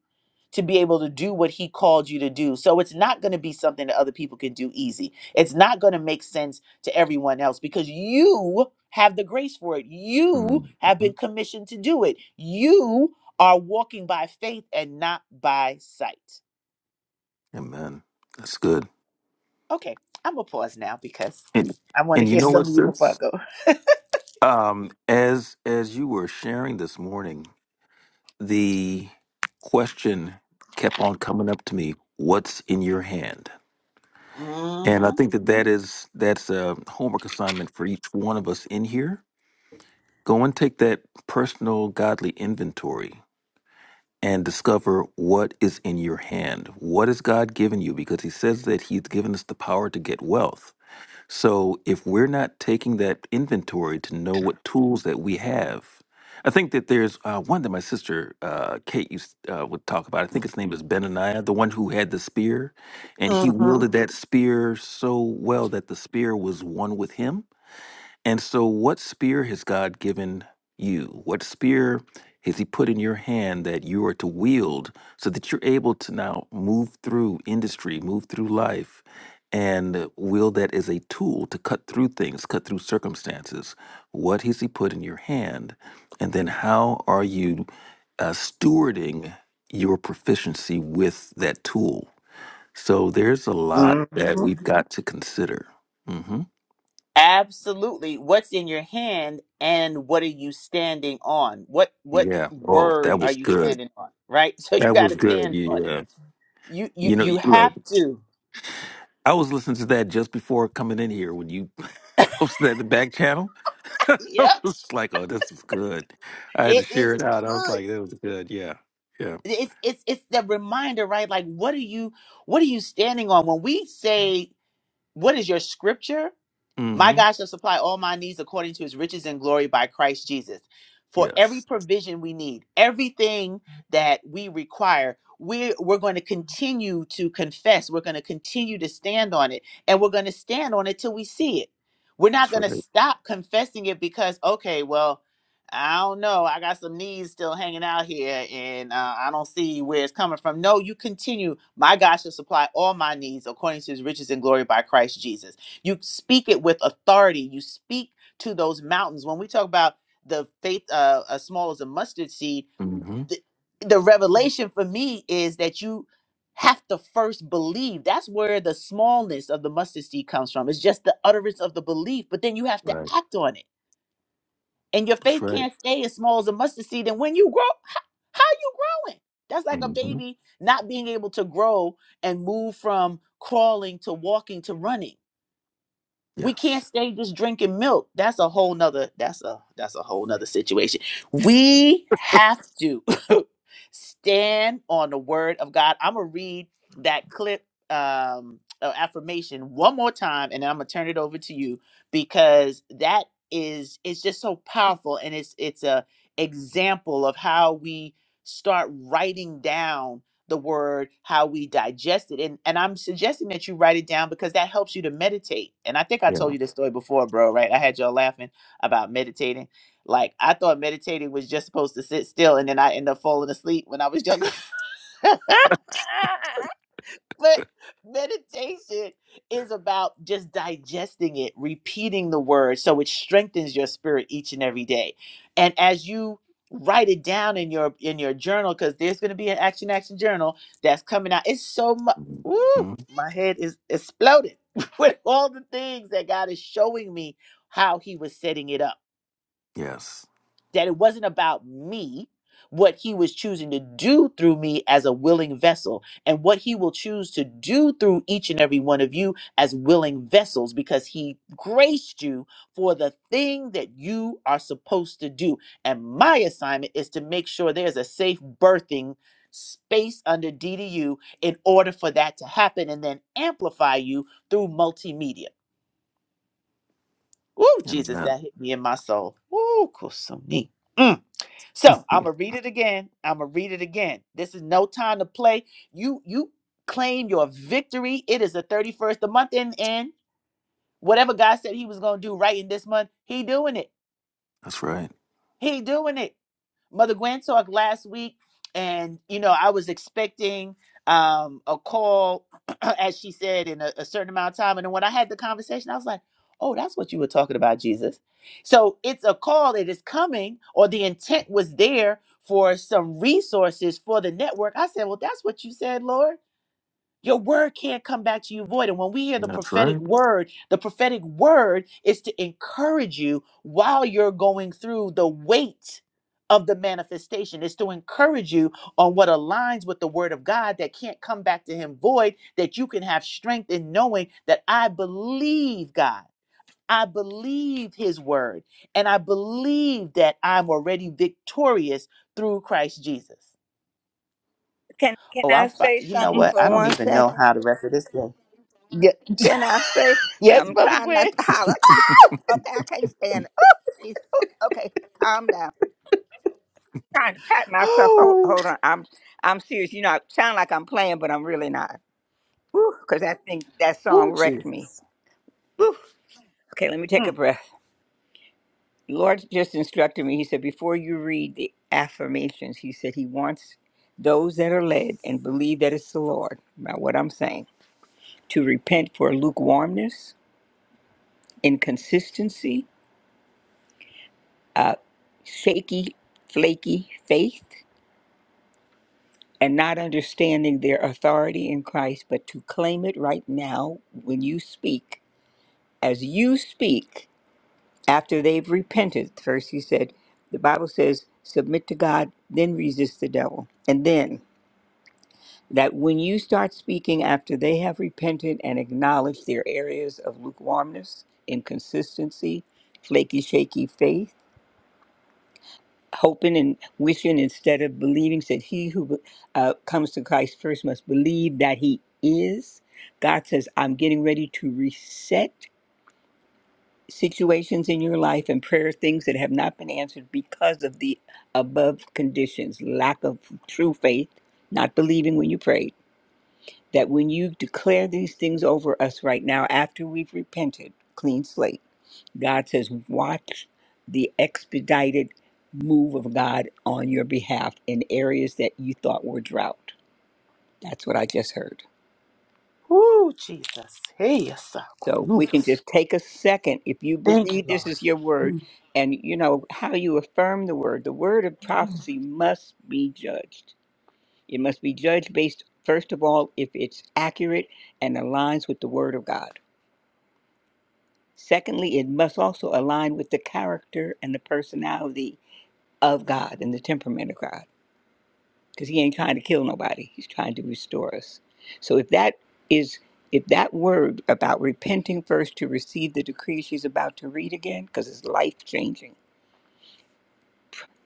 to be able to do what he called you to do. So it's not going to be something that other people can do easy. It's not going to make sense to everyone else because you have the grace for it. You
Mhm.
have been commissioned to do it. You are walking by faith and not by sight.
Amen. That's good.
Okay, I'm gonna pause now because
And
I want to
and you
hear
know what,
some of you before I
sis?
go.
Um, as as you were sharing this morning, the question kept on coming up to me. What's in your hand? And I
Mm-hmm.
think that that is that's a homework assignment for each one of us in here. Go and take that personal godly inventory and discover what is in your hand. What has God given you? Because He says that He's given us the power to get wealth. So if we're not taking that inventory to know what tools that we have, I think that there's uh, one that my sister uh, Kate used uh, would talk about. I think his name is Benaniah, the one who had the spear, and he
Mm-hmm.
wielded that spear so well that the spear was one with him. And so, what spear has God given you? What spear has He put in your hand that you are to wield so that you're able to now move through industry, move through life, and wield that as a tool to cut through things, cut through circumstances? What has He put in your hand? And then, how are you uh, stewarding your proficiency with that tool? So, there's a lot that
Mm-hmm.
we've got to consider. hmm
Absolutely. What's in your hand and what are you standing on? What what
Yeah. Oh,
word
that
are
was
you
good.
standing on? Right? So you
That
gotta
was good.
stand on it.
Yeah.
You you
You know,
you
look,
have to.
I was listening to that just before coming in here when you posted that in the back channel. I
Yep.
was like, oh, this is good. I had to
It is
share it out. I was
good.
like, that was good. Yeah. Yeah.
It's it's it's the reminder, right? Like what are you what are you standing on? When we say what is your scripture? My
Mm-hmm.
God shall supply all my needs according to his riches and glory by Christ Jesus. For every
Yes.
provision we need, everything that we require, we're, we're going to continue to confess. We're going to continue to stand on it. And we're going to stand on it till we see it. We're not
That's
going
right.
to stop confessing it because, okay, well, I don't know. I got some needs still hanging out here and uh, I don't see where it's coming from. No, you continue. My God shall supply all my needs according to his riches and glory by Christ Jesus. You speak it with authority. You speak to those mountains. When we talk about the faith uh, as small as a mustard seed,
Mm-hmm.
the, the revelation for me is that you have to first believe. That's where the smallness of the mustard seed comes from. It's just the utterance of the belief, but then you have to
Right.
act on it. And your
That's
faith
right.
can't stay as small as a mustard seed. And when you grow, how, how are you growing? That's like a
Mm-hmm.
baby not being able to grow and move from crawling to walking to running we
Yes.
can't stay just drinking milk that's a whole nother that's a that's a whole nother situation we have to stand on the word of god i'm gonna read that clip um uh, affirmation one more time and then i'm gonna turn it over to you because that is it's just so powerful and it's it's a example of how we start writing down the word, how we digest it. And and I'm suggesting that you write it down because that helps you to meditate. And I think I
Yeah.
told you this story before, bro, right? I had y'all laughing about meditating. Like I thought meditating was just supposed to sit still and then I end up falling asleep when I was younger. But meditation is about just digesting it, repeating the word so it strengthens your spirit each and every day. And as you write it down in your in your journal cuz there's going to be an action action journal that's coming out. It's so much woo,
Mm-hmm.
my head is exploding with all the things that God is showing me how he was setting it up
Yes.
that it wasn't about me, what he was choosing to do through me as a willing vessel, and what he will choose to do through each and every one of you as willing vessels, because he graced you for the thing that you are supposed to do. And my assignment is to make sure there's a safe birthing space under DDU in order for that to happen and then amplify you through multimedia. Ooh, Jesus,
Amen.
that hit me in my soul. Ooh, Kusumi. Mm. So I'm gonna read it again. I'm gonna read it again. This is no time to play. You you claim your victory. It is the 31st. The month end, end. Whatever God said He was gonna do right in this month, He doing it.
That's right.
He doing it. Mother Gwen talked last week, and you know, I was expecting um a call, as she said, in a, a certain amount of time. And then when I had the conversation, I was like, Oh, that's what you were talking about, Jesus. So it's a call that is coming, or the intent was there for some resources for the network. I said, Well, that's what you said, Lord. Your word can't come back to you void. And when we hear the
That's
prophetic
right.
word, the prophetic word is to encourage you while you're going through the weight of the manifestation. It's to encourage you on what aligns with the word of God that can't come back to him void, that you can have strength in knowing that I believe God. I believe his word. And I believe that I'm already victorious through Christ Jesus.
Can Can
Oh, I'm
I
fi-
say
you know
something
what? I
for
don't
one
even know
second?
how the rest of this goes. Ye-
Can I say?
yes,
I'm
Mother
trying not
Gwen.
to holler. Oh! Okay, I can't stand it. Oh, jeez. Oh, okay, calm down. trying to pat myself. Hold,
Oh,
hold on. I'm I'm serious. You know, I sound like I'm playing, but I'm really not. Woo, Because that thing, that
oh
song wrecked me.
Jesus.
Woo. Okay, let me take a
Mm.
breath. Lord just instructed me. He said, before you read the affirmations, he said he wants those that are led and believe that it's the Lord, about what I'm saying, to repent for lukewarmness, inconsistency, uh, shaky, flaky faith, and not understanding their authority in Christ, but to claim it right now when you speak. As you speak, after they've repented, first he said, the Bible says, submit to God, then resist the devil. And then that when you start speaking after they have repented and acknowledged their areas of lukewarmness, inconsistency, flaky, shaky faith, hoping and wishing instead of believing, said, He who uh, comes to Christ first must believe that He is. God says, I'm getting ready to reset situations in your life and prayer things that have not been answered because of the above conditions lack of true faith, not believing when you prayed that when you declare these things over us right now, after we've repented, clean slate, God says, watch the expedited move of God on your behalf in areas that you thought were drought. That's what I just heard.
Oh, Jesus. Hey, yes, I could-
So
mm.
we can just take a second if you
Thank you,
believe
Lord.
this is your word
Mm.
and you know how you affirm the word. The word of
Mm.
prophecy must be judged. It must be judged based, first of all, if it's accurate and aligns with the word of God. Secondly, it must also align with the character and the personality of God and the temperament of God because he ain't trying to kill nobody. He's trying to restore us. So if that is if that word about repenting first to receive the decree she's about to read again because it's life changing.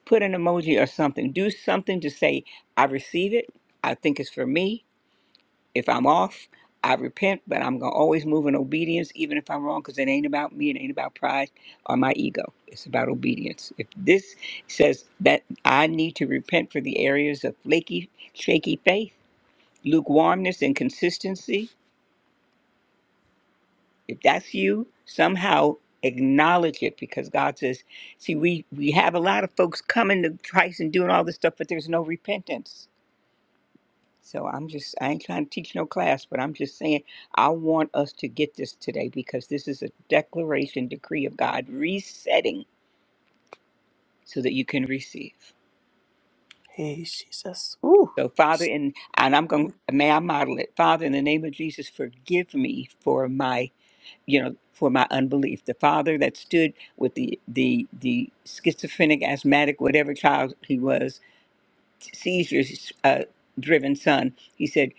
Put an emoji or something. Do something to say I receive it. I think it's for me. If I'm off, I repent, but I'm going to always move in obedience, even if I'm wrong, because it ain't about me. It ain't about pride or my ego. It's about obedience. If this says that I need to repent for the areas of flaky, shaky faith, lukewarmness, and consistency, if that's you, somehow acknowledge it because God says, see, we, we have a lot of folks coming to Christ and doing all this stuff, but there's no repentance. So I'm just, I ain't trying to teach no class, but I'm just saying, I want us to get this today because this is a declaration, decree of God, resetting so that you can receive.
Hey, Jesus. Ooh.
So, Father, in, and I'm going, may I model it? Father, in the name of Jesus, forgive me for my, you know, for my unbelief. The father that stood with the, the, the schizophrenic, asthmatic, whatever child he was, seizures uh, driven son, he said,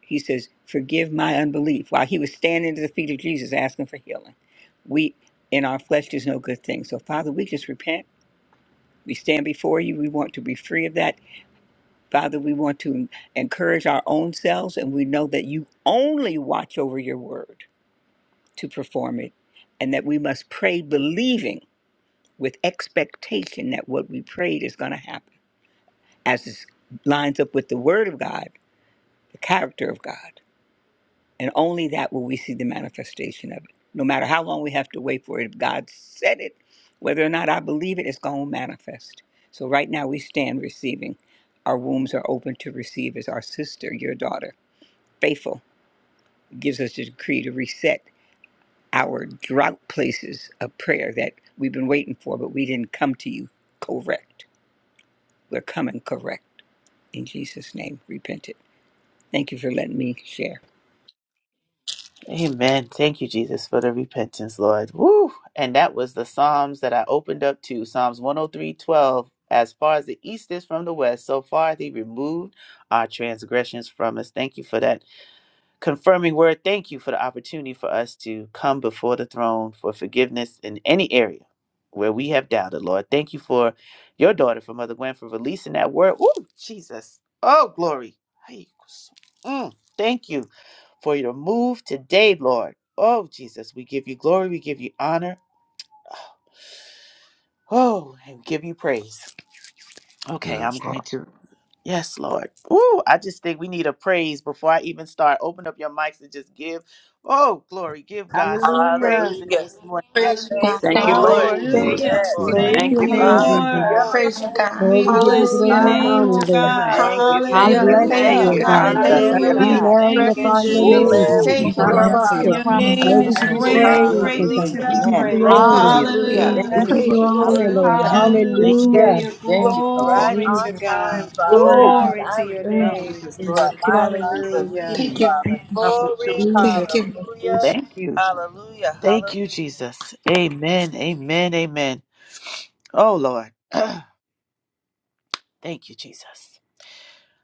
he says, Forgive my unbelief. While he was standing at the feet of Jesus asking for healing, we in our flesh there's no good thing. So, Father, we just repent. We stand before you. We want to be free of that. Father, we want to en- encourage our own selves, and we know that you only watch over your word to perform it, and that we must pray believing with expectation that what we prayed is going to happen as it lines up with the word of God, the character of God. And only that will we see the manifestation of it. No matter how long we have to wait for it, if God said it, whether or not I believe it, it's going to manifest. So right now we stand receiving. Our wombs are open to receive as our sister, your daughter, faithful, gives us the decree to reset our drought places of prayer that we've been waiting for, but we didn't come to you correct. We're coming correct. In Jesus' name, repent it. Thank you for letting me share.
Amen. Thank you, Jesus, for the repentance, Lord. Woo. And that was the Psalms that I opened up to Psalms 103:12. As far as the east is from the west, so far they removed our transgressions from us. Thank you for that Confirming word, thank you for the opportunity for us to come before the throne for forgiveness in any area where we have doubted, Lord. Thank you for your daughter, for Mother Gwen, for releasing that word. Ooh, Jesus. Oh, glory. Ay, Mm, thank you for your move today, Lord. Oh, Jesus, we give you glory, we give you honor. Oh, and we give you praise. Okay, I'm
Yes.
going to. Yes, Lord. Ooh, I just think we need a praise before I even start. Open up your mics and just give. Oh, glory. Give God some
Hallelujah.
praise in
Hallelujah.
this morning.
Praise you,
Hallelujah,
Praise
Yes.
God.
the
Thank
Thank
you,
you.
Lord.
Lord.
Lord.
Lord.
Thank
Ooh,
Thank
Lord,
you.
thank you,
Lord.
Hallelujah.
it's your
Yes.
Lord.
Thank you.
Glory
name,
to
Thank
your
Thank
you,
God.
Thank
you,
name,
you.
you.
Father.
Yes.
Jesus.
Lord.
Yeah,
Hallelujah.
Glory.
Praise
Lord.
you,
Hey.
God.
Oh,
We
we give you
Ooh,
bless your
glory
glory.
Hallelujah.
and
We
name,
honor,
O
just
Hallelujah.
Lord.
Hallelujah.
God.
glorify
Thank
Thank
you.
you,
you.
Thank
We
thank you,
you,
Hallelujah.
bless
Precious
Lord.
Thank
Thank
thank
you,
Hallelujah.
you,
Hallelujah.
O
you.
you,
is the
God.
God.
Jesus.
Thank
Praise
Hallelujah.
Lamb.
Hallelujah.
We
Yeah,
you.
Lord.
Hallelujah.
God.
Thank you,
Precious
magnify
Thank you,
your
is
oh
the
name,
Lamb.
Jesus.
God,
Jesus.
Ooh,
Amen.
Thank you,
Glory.
Right.
Lord.
for your
Karabaste.
yeah, Lord.
Your
Thank you.
Thank
Hallelujah.
promises,
name
Oh,
you,
is
knowing
we give you
that
Ooh,
Jesus.
they
ooh.
great
are
and
praise,
yea and
O
greatly
God.
to
We
be
Hallelujah.
give you
amen.
praised.
Thank
Thank
you,
glory.
Glory.
Jesus.
you,
Hallelujah.
Hallelujah.
Thank
Jesus.
We
Hallelujah.
Hallelujah.
you,
precious
give
living
Lord.
you
Praise you,
honor,
Lord.
Lord.
Hallelujah.
Thank you,
Thank
Lamb.
Jesus.
you.
Woo.
Yes.
Hallelujah.
Hallelujah.
Thank
Thank
you,
you,
Glory.
Jesus.
Right
Glory to
on
Jesus.
time,
God.
Father
Woo!
Glory.
God.
Glory
Yes,
I
to your
Jesus. Now
Thank
repent
you,
we
name.
just
for
Jesus.
glorify
my
Glory.
you, Jesus.
Hallelujah.
unbelief,
Thank
Healing us.
you.
Father.
Now your
Glory,
children.
Jesus.
Thank you.
Thank you,
hallelujah,
Jesus.
Thank you.
hallelujah,
Thank
hallelujah.
you, Jesus. Amen. Amen. Amen. Oh, Lord. Thank you, Jesus.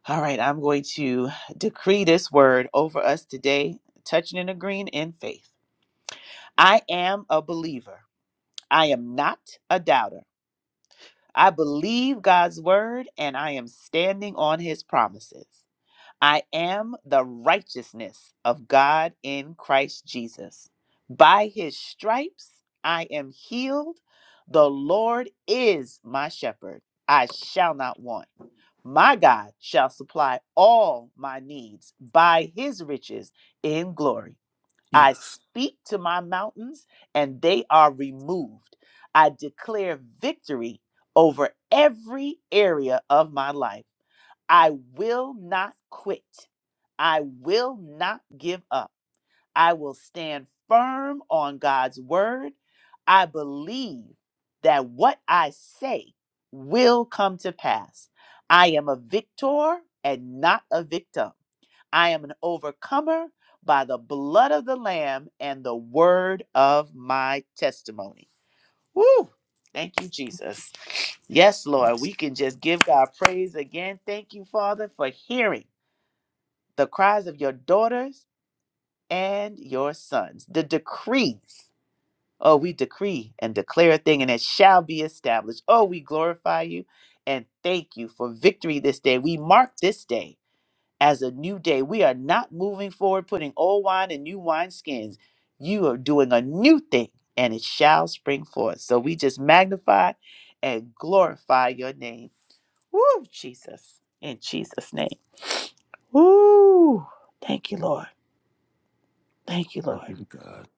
All right. I'm going to decree this word over us today, touching and agreeing in faith. I am a believer. I am not a doubter. I believe God's word and I am standing on his promises. I am the righteousness of God in Christ Jesus. By his stripes I am healed. The Lord is my shepherd. I shall not want. My God shall supply all my needs by his riches in glory. I
Yes.
speak to my mountains, and they are removed. I declare victory over every area of my life. I will not quit. I will not give up. I will stand firm on God's word. I believe that what I say will come to pass. I am a victor and not a victim. I am an overcomer by the blood of the Lamb and the word of my testimony. Woo! Thank you, Jesus. Yes, Lord, we can just give God praise again. Thank you, Father, for hearing the cries of your daughters and your sons, the decrees. Oh, we decree and declare a thing, and it shall be established. Oh, we glorify you and thank you for victory this day. We mark this day as a new day. We are not moving forward, putting old wine in new wineskins. You are doing a new thing, and it shall spring forth. So we just magnify and glorify your name. Woo, Jesus. In Jesus' name. Woo. Thank you, Lord. Thank you,
I
Lord.
be to God.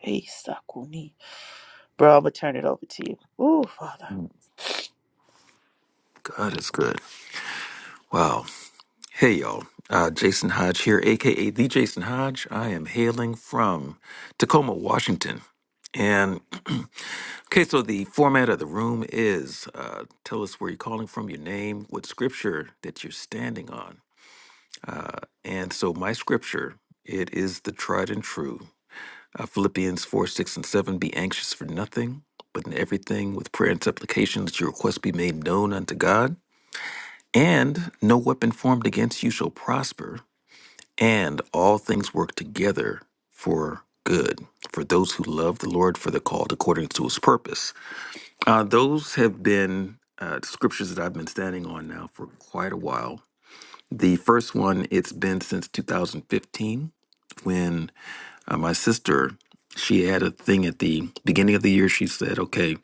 Hey, Sakuni. Bro, I'm going to turn it over to you. Woo, Father.
God is good. Wow. Hey y'all, uh, Jason Hodge here, aka the Jason Hodge. I am hailing from Tacoma, Washington. And okay, so the format of the room is uh, tell us where you're calling from, your name, what scripture that you're standing on. Uh, and so my scripture, it is the tried and true. Uh, Philippians 4, 6, and 7 Be anxious for nothing, but in everything with prayer and supplication, that your request be made known unto God. And no weapon formed against you shall prosper and all things work together for good for those who love the Lord, for the called according to his purpose. Uh, those have been uh, scriptures that I've been standing on now for quite a while. The first one, it's been since 2015 when uh, my sister she had a thing at the beginning of the year she said okay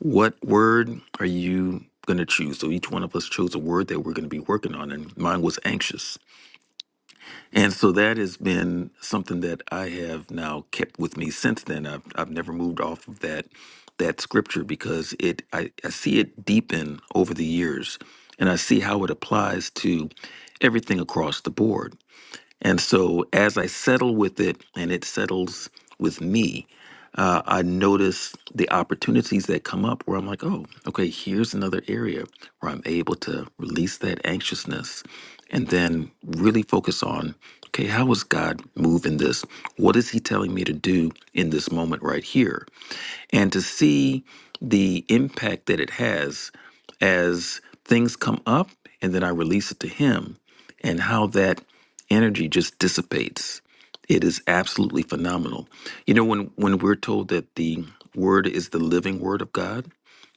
what word are you going to choose so each one of us chose a word that we're going to be working on and mine was anxious and so that has been something that I have now kept with me since then. I've, I've never moved off of that that scripture because it I, I see it deepen over the years and I see how it applies to everything across the board. And so as I settle with it and it settles with me, uh, I notice the opportunities that come up where I'm like, oh, okay, here's another area where I'm able to release that anxiousness and then really focus on, okay, how is God moving this? What is He telling me to do in this moment right here? and to see the impact that it has as things come up and then I release it to him and how that energy just dissipates. It is absolutely phenomenal. You know, when, when we're told that the word is the living word of God,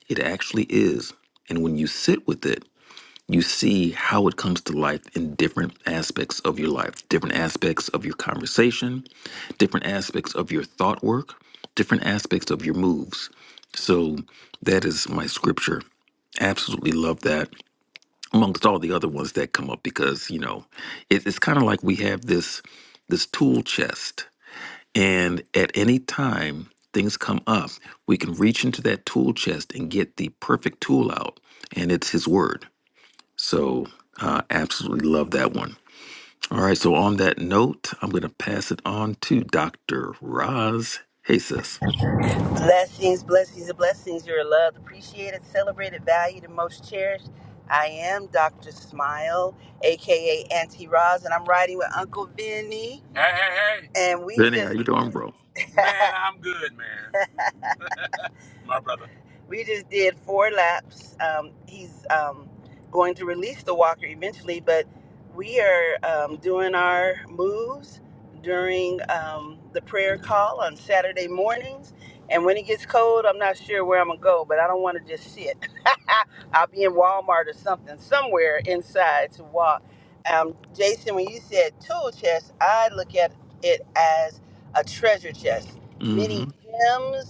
it actually is. And when you sit with it, you see how it comes to life in different aspects of your life, different aspects of your conversation, different aspects of your thought work, different aspects of your moves. So that is my scripture. Absolutely love that, amongst all the other ones that come up, because you know, it, it's kind of like we have this this tool chest, and at any time things come up, we can reach into that tool chest and get the perfect tool out, and it's His Word. So, uh, absolutely love that one. All right. So, on that note, I'm going to pass it on to Dr. Roz Hey, sis,
Blessings, blessings, and blessings. You're loved, appreciated, celebrated, valued, and most cherished. I am Dr. Smile, aka Auntie Roz, and I'm riding with Uncle Vinny. Hey, hey, hey. And we
Benny, how
just
you doing,
did.
bro?
man, I'm good, man. My brother. We just did four laps. Um, he's um, going to release the walker eventually, but we are um, doing our moves during um, the prayer call on Saturday mornings. And when it gets cold, I'm not sure where I'm going to go, but I don't want to just sit. I'll be in Walmart or something, somewhere inside to walk. Um, Jason, when you said tool chest, I look at it as a treasure chest.
Mm-hmm.
Many gems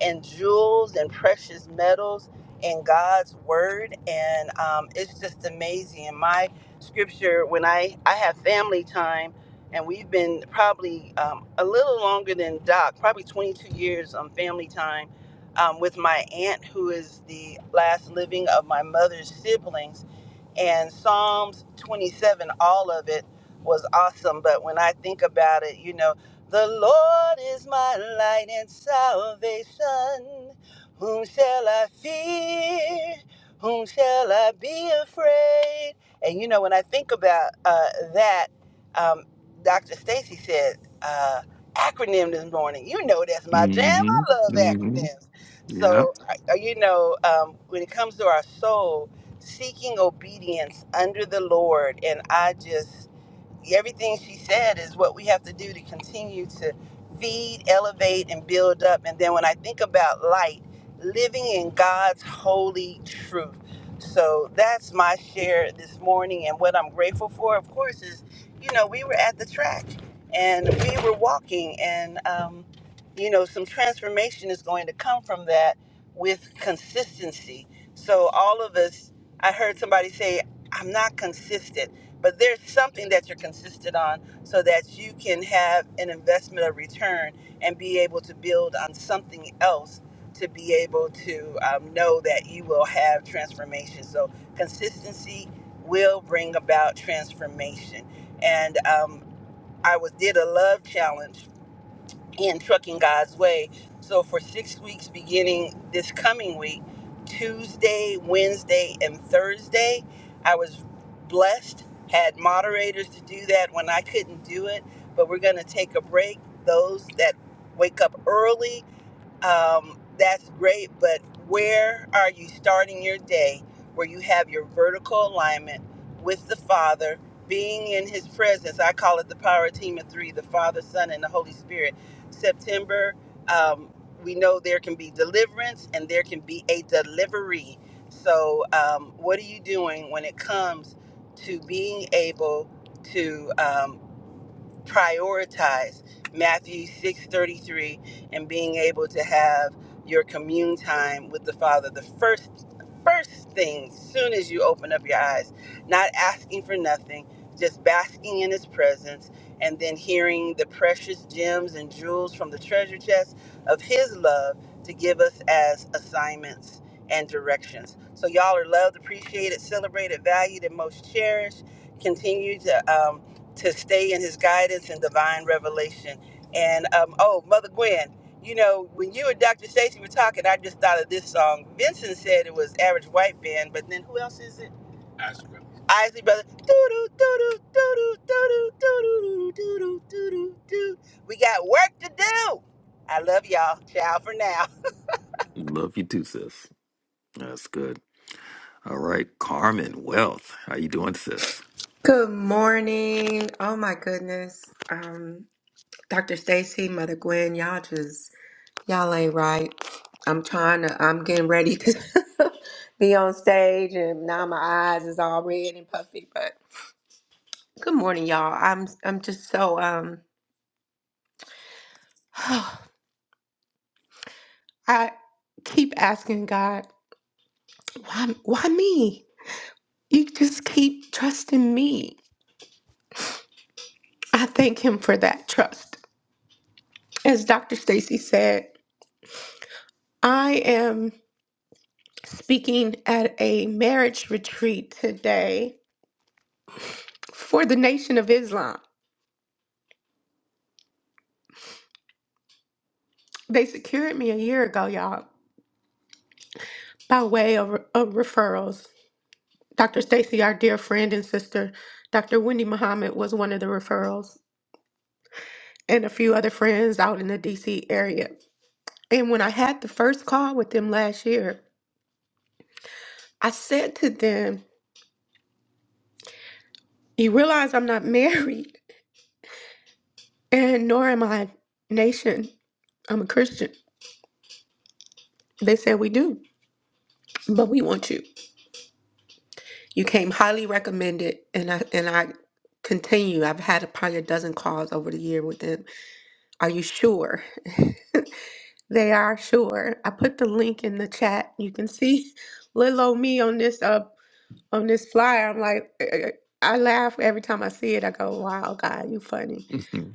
and jewels and precious metals and God's word. And um, it's just amazing. And my scripture, when I, I have family time, and we've been probably um, a little longer than Doc, probably 22 years on family time um, with my aunt, who is the last living of my mother's siblings and Psalms 27, all of it was awesome. But when I think about it, you know, the Lord is my light and salvation. Whom shall I fear? Whom shall I be afraid? And you know, when I think about uh, that, um, Dr. Stacy said, uh, acronym this morning. You know, that's my jam.
Mm-hmm.
I love
Mm-hmm.
acronyms.
Yeah.
So, uh, you know, um, when it comes to our soul, seeking obedience under the Lord. And I just everything she said is what we have to do to continue to feed, elevate, and build up. And then when I think about light, living in God's holy truth. So that's my share this morning. And what I'm grateful for, of course, is you know, we were at the track and we were walking, and um, you know, some transformation is going to come from that with consistency. So all of us, I heard somebody say, I'm not consistent but there's something that you're consistent on so that you can have an investment of return and be able to build on something else to be able to um, know that you will have transformation. So, consistency will bring about transformation. And um, I was did a love challenge in Trucking God's Way. So, for six weeks beginning this coming week, Tuesday, Wednesday, and Thursday, I was blessed, had moderators to do that when I couldn't do it. But we're going to take a break. Those that wake up early um, that's great, but where are you starting your day where you have your vertical alignment with the Father, being in His presence? I call it the power team of three the Father, Son, and the Holy Spirit. September, um, we know there can be deliverance and there can be a delivery. So, um, what are you doing when it comes to being able to? um, prioritize Matthew 6:33 and being able to have your commune time with the Father the first first thing soon as you open up your eyes not asking for nothing just basking in his presence and then hearing the precious gems and jewels from the treasure chest of his love to give us as assignments and directions. So y'all are loved, appreciated, celebrated, valued and most cherished. Continue to um, to stay in his guidance and divine revelation. And um, oh, Mother Gwen, you know, when you and Dr. Stacy were talking, I just thought of this song. Vincent said it was Average White Band, but then who else is it? Isley Brothers. Isley Brothers. Doo-doo, doo-doo, doo-doo, doo-doo, doo-doo, doo-doo, doo-doo, doo. We got work to do. I love y'all. Ciao for now.
Love you too, sis. That's good. All right. Carmen Wealth, how you doing, sis?
Good morning. Oh my goodness. Um, Dr. Stacy, Mother Gwen, y'all just Y'all ain't right. I'm trying to, I'm getting ready to be on stage and now my eyes is all red and puffy. But good morning, y'all. I'm I'm just so um I keep asking God, why why me? You just keep trusting me. I thank him for that trust. As Dr. Stacy said, I am speaking at a marriage retreat today for the Nation of Islam. They secured me a year ago, y'all. by way of, of referrals. Dr. Stacy, our dear friend and sister, Dr. Wendy Muhammad was one of the referrals, and a few other friends out in the DC area. And when I had the first call with them last year, I said to them, You realize I'm not married, and nor am I nation. I'm a Christian. They said we do, but we want you. You came highly recommended, and I and I continue. I've had probably a dozen calls over the year with them. Are you sure? They are sure. I put the link in the chat. You can see little old me on this uh, on this flyer. I'm like, eh, eh, eh. I laugh every time I see it. I go, "Wow, God, you funny."
Mm-hmm.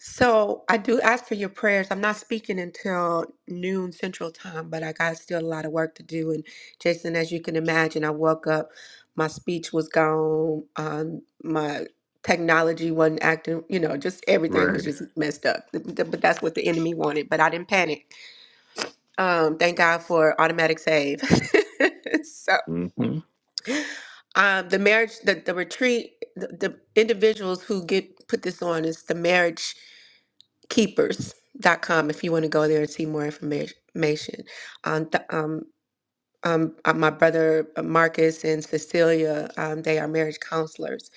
So I do ask for your prayers. I'm not speaking until noon Central Time, but I got still a lot of work to do. And Jason, as you can imagine, I woke up, my speech was gone, um, my technology wasn't acting. You know, just everything was
Right.
just messed up. But that's what the enemy wanted. But I didn't panic. Um, thank God for automatic save. so
Mm-hmm.
um, the marriage, the, the retreat, the, the individuals who get put this on is the marriage keepers dot com. if you want to go there and see more information. Um, th- um, um, uh, my brother uh, Marcus and Cecilia, um, they are marriage counselors.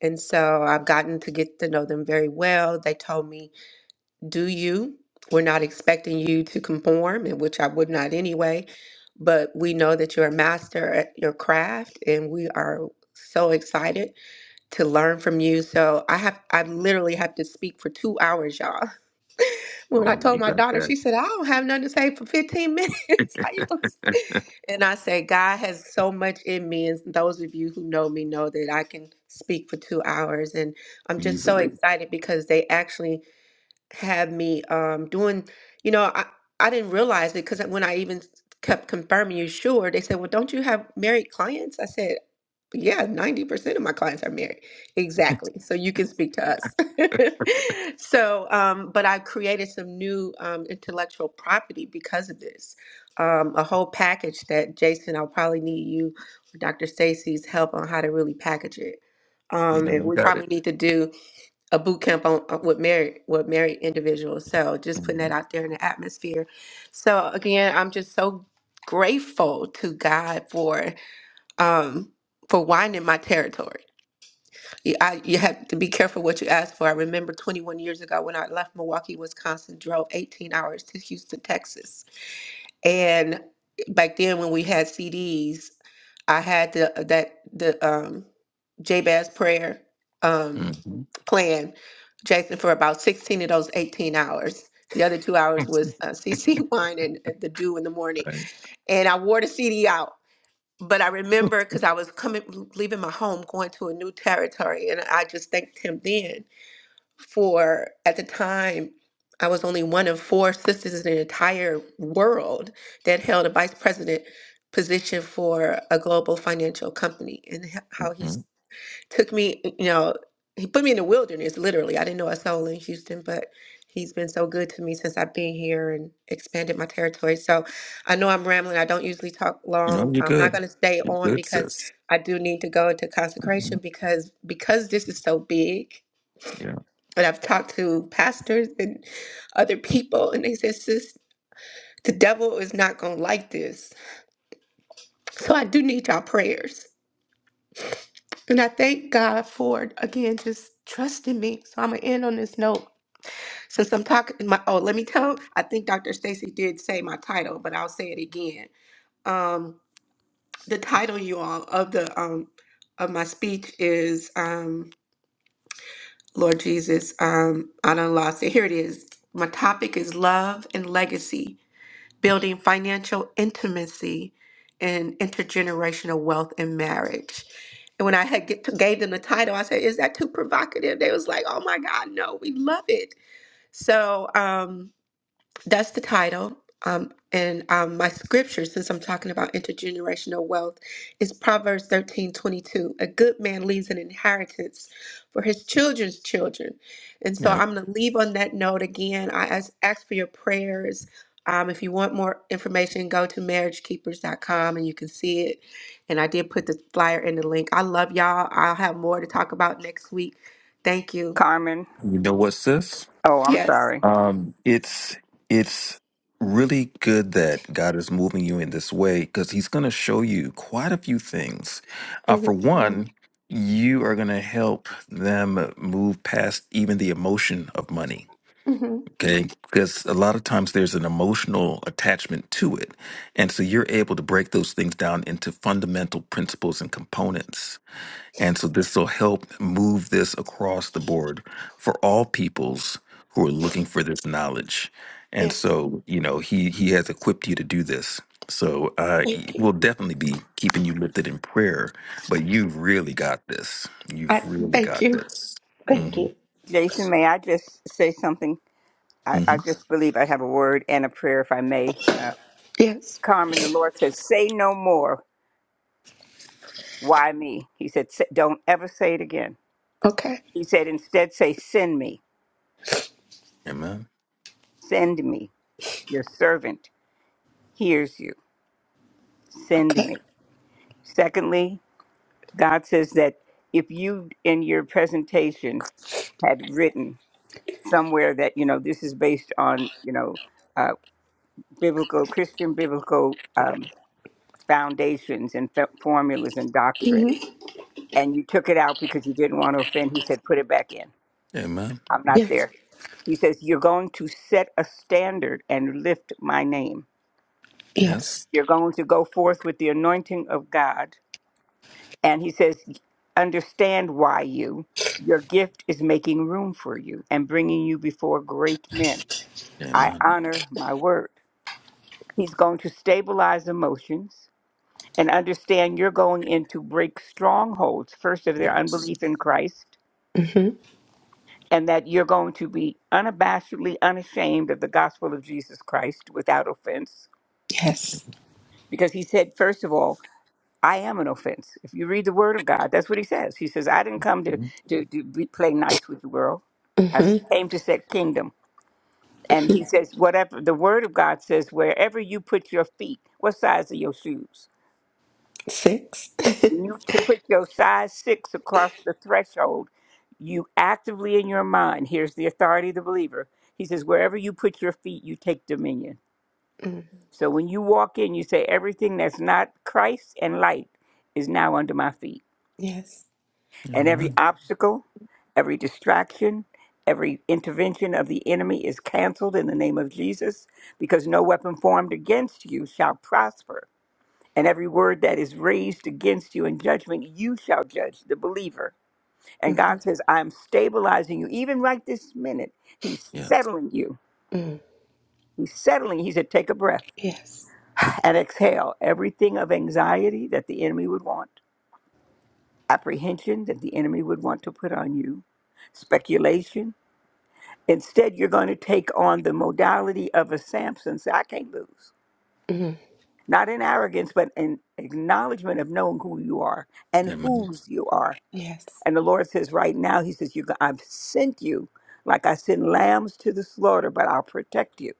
And so I've gotten to get to know them very well. They told me do you. We're not expecting you to conform, and which I would not anyway, but we know that you're a master at your craft, and we are so excited to learn from you. So I have I literally have to speak for two hours, y'all. When I
Oh,
told
you
my
got
daughter,
that
she said, I don't have nothing to say for 15 minutes. How you gonna say-" And I said, God has so much in me, and those of you who know me know that I can speak for two hours. And I'm just so
easily.
excited because they actually had me um doing you know i i didn't realize it because when i even kept confirming you sure they said well don't you have married clients i said yeah 90% of my clients are married exactly so you can speak to us so um but i created some new um intellectual property because of this um a whole package that jason i'll probably need you or dr stacy's help on how to really package it
You
um
know,
and
you
we
got it.
probably need to do a boot camp on uh, with married with married individuals. So just putting that
Mm-hmm.
out there in the atmosphere. So again, I'm just so grateful to God for um for winding my territory. You, I, you have to be careful what you ask for. I remember 21 years ago when I left Milwaukee, Wisconsin, drove 18 hours to Houston, Texas, and back then when we had CDs, I had the that the um Jabez prayer. Um
Mm-hmm.
plan, Jason, for about 16 of those 18 hours. The other two hours was uh, CC wine and uh, the dew in the morning.
Right.
And I wore the CD out. But I remember because I was coming, leaving my home, going to a new territory. And I just thanked him then for, at the time, I was only one of four sisters in the entire world that held a vice president position for a global financial company and h- how he
Mm-hmm.
took me, you know, he put me in the wilderness, literally. I didn't know a soul in Houston, but he's been so good to me since I've been here and expanded my territory. So I know I'm rambling. I don't usually talk
No,
long.
you're
I'm not
good.
going to stay
You're
on
good,
because
sis.
I do need to go into consecration
Mhm.
because because this is so big.
Yeah,
And I've talked to pastors and other people, and they said, "Sis, the devil is not going to like this." So I do need y'all prayers. And I thank God for, again, just trusting me. So I'm going to end on this note. Since I'm talking, my oh, let me tell. I think Dr. Stacy did say my title, but I'll say it again. Um, the title, you all, of the um of my speech is um, Lord Jesus. Um, I done lost it. Here it is. My topic is love and legacy, building financial intimacy and intergenerational wealth in marriage. And when I had get gave them the title, I said, "Is that too provocative?" They was like, "Oh my God, no, we love it." So. um That's the title. Um, and um, my scripture, since I'm talking about intergenerational wealth, is Proverbs 13 22. A good man leaves an inheritance for his children's children. And so
yeah.
I'm going to leave on that note again. I ask, ask for your prayers. Um, if you want more information, go to marriage keepers dot com, and you can see it. And I did put the flyer in the link. I love y'all. I'll have more to talk about next week. Thank you.
Carmen,
You know what, sis?
oh, I'm
Yes.
sorry.
Um, it's it's really good that God is moving you in this way because He's going to show you quite a few things. Uh, for one, you are going to help them move past even the emotion of money.
hmm
Okay, because a lot of times there's an emotional attachment to it. And so you're able to break those things down into fundamental principles and components And so this will help move this across the board for all peoples who are looking for this knowledge. And
Yes.
so, you know, he he has equipped you to do this. So uh, e-
Thank you.
we'll definitely be keeping you lifted in prayer. But you've really got this. You've
I
really
thank
got
you.
this.
Thank
hmm
you.
Jason, may I just say something? I,
hmm
I just believe I have a word and a prayer, if I may. Uh,
Yes.
Carmen, the Lord says, say no more. Why me? He said, "Say- don't ever say it again.
Okay.
He said, instead say, send me,
Amen.
send me. Your servant hears you. Send
Okay.
me. Secondly, God says that if you in your presentation had written somewhere that you know this is based on you know uh, biblical Christian biblical um, foundations and f- formulas and doctrine,
hmm
and you took it out because you didn't want to offend. He said, "Put it back in.
Amen.
I'm not
Yes.
there." He says, "You're going to set a standard and lift my name.
Yes.
Yes.
You're going to go forth with the anointing of God." And he says, "Understand why you." Your gift is making room for you and bringing you before great men. I
Amen.
honor my word. He's going to stabilize emotions and understand you're going in to break strongholds, first of their
Yes.
unbelief in Christ,
hmm
and that you're going to be unabashedly unashamed of the gospel of Jesus Christ without offense.
Yes.
Because he said, first of all, I am an offense. If you read the word of God, that's what he says. He says, I didn't come to,
Mhm.
to, to be, play nice with the world, I
hmm
came to set kingdom. And he says, whatever the word of God says, wherever you put your feet, what size are your shoes?
Six.
When you to put your size six across the threshold, you actively in your mind, here's the authority of the believer. He says, wherever you put your feet, you take dominion.
mm.
So when you walk in, you say, everything that's not Christ and light is now under my feet.
Yes.
And every
Amen.
obstacle, every distraction, every intervention of the enemy is canceled in the name of Jesus because no weapon formed against you shall prosper. And every word that is raised against you in judgment, you shall judge the believer And
hmm
God says, I'm stabilizing you. Even right this minute, He's
Yeah.
settling you.
Mm.
He's settling. He said, Take a breath
Yes.
and exhale everything of anxiety that the enemy would want, apprehension that the enemy would want to put on you, speculation. Instead, you're going to take on the modality of a Samson. Say, I can't lose.
hmm
Not in arrogance, but in acknowledgement of knowing who you are and
Amen.
whose you are
Yes.
And the Lord says, right now, He says, you, I've sent you like I send lambs to the slaughter, but I'll protect you.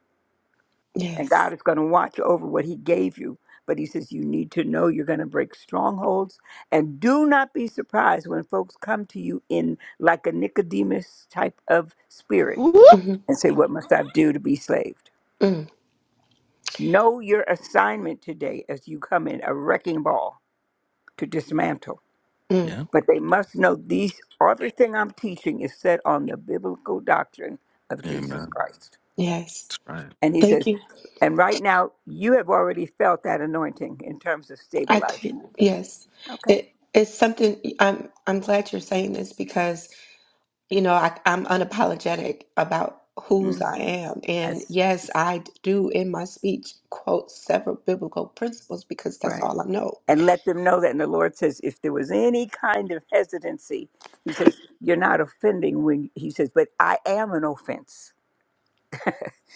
And
Yes.
God is going to watch over what He gave you. But He says, you need to know you're going to break strongholds. And do not be surprised when folks come to you in like a Nicodemus type of spirit
Woo!
hmm
and say, What must I do to be saved?
Mm.
Know your assignment today as you come in a wrecking ball to dismantle.
Mm.
Yeah.
But they must know these everything I'm teaching is set on the biblical doctrine of Jesus
Amen.
Christ.
Yes.
That's right.
And he
Thank
says,
you.
and right now you have already felt that anointing in terms of
I do.
stabilizing you.
Yes.
Okay.
It, it's something. I'm. I'm glad you're saying this because you know, I, I'm unapologetic about whose I
hmm
am. And
That's
yes, I do in my speech quote several biblical principles because that's
right.
all I know.
And let them know that. And the Lord says, if there was any kind of hesitancy, he says, you're not offending when he says, but I am an offense.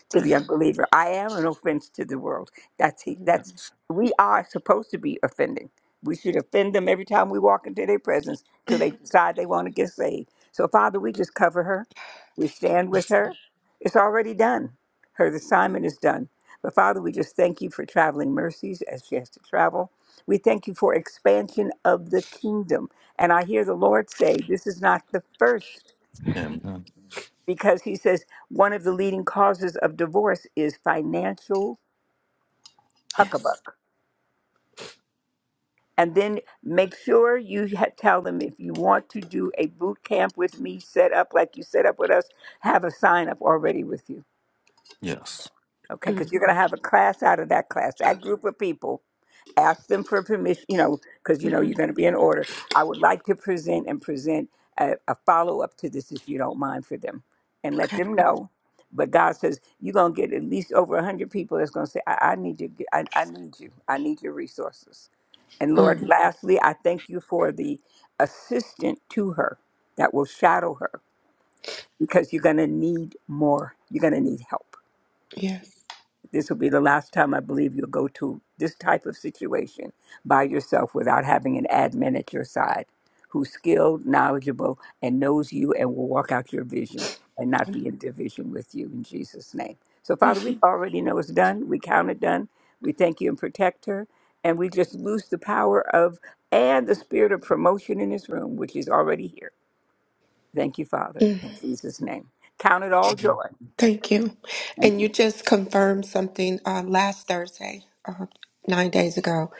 to
Ugh,
the unbeliever. I am an offense to the world. That's he,
mhm.
that's we are supposed to be offending. We should offend them every time we walk into their presence till they decide they want to get saved. So Father, we just cover her. We
Thank
stand with
Yes.
her. It's already done. Her assignment is done. But Father, we just thank you for traveling mercies as she has to travel. We thank you for expansion of the kingdom. And I hear the Lord say, this is not the first
Amen.
because he says one of the leading causes of divorce is financial
you. Yes.
huckabuck. And then make sure you ha- tell them if you want to do a boot camp with me, set up like you set up with us, have a sign up already with you.
Yes.
Okay, because
Mm,
you're going to have a class out of that class, that group of people. ask them for permission, you know, because you know you're
mhm.
going to be in order. I would like to present and present a, a follow up to this, if you don't mind, for them, and let
Okay.
them know. But God says you're going to get at least over a hundred people that's going to say, I, "I need you. I, I need you. I need your resources." And Lord,
Mm,
lastly, I thank you for the assistant to her that will shadow her because you're going to need more. You're going to need help.
Yes.
This will be the last time I believe you'll go to this type of situation by yourself without having an admin at your side who's skilled, knowledgeable, and knows you and will walk out your vision and not be in division with you in Jesus' name. So, Father, we already know it's done. We count it done. We thank you and protect her. And we just lose the power of and the spirit of promotion in this room, which is already here. Thank you, Father,
Mm,
in Jesus' name. Count it all
Mhm.
joy.
Thank you.
Thank
And you
you.
just confirmed something uh, last Thursday, uh, nine days ago.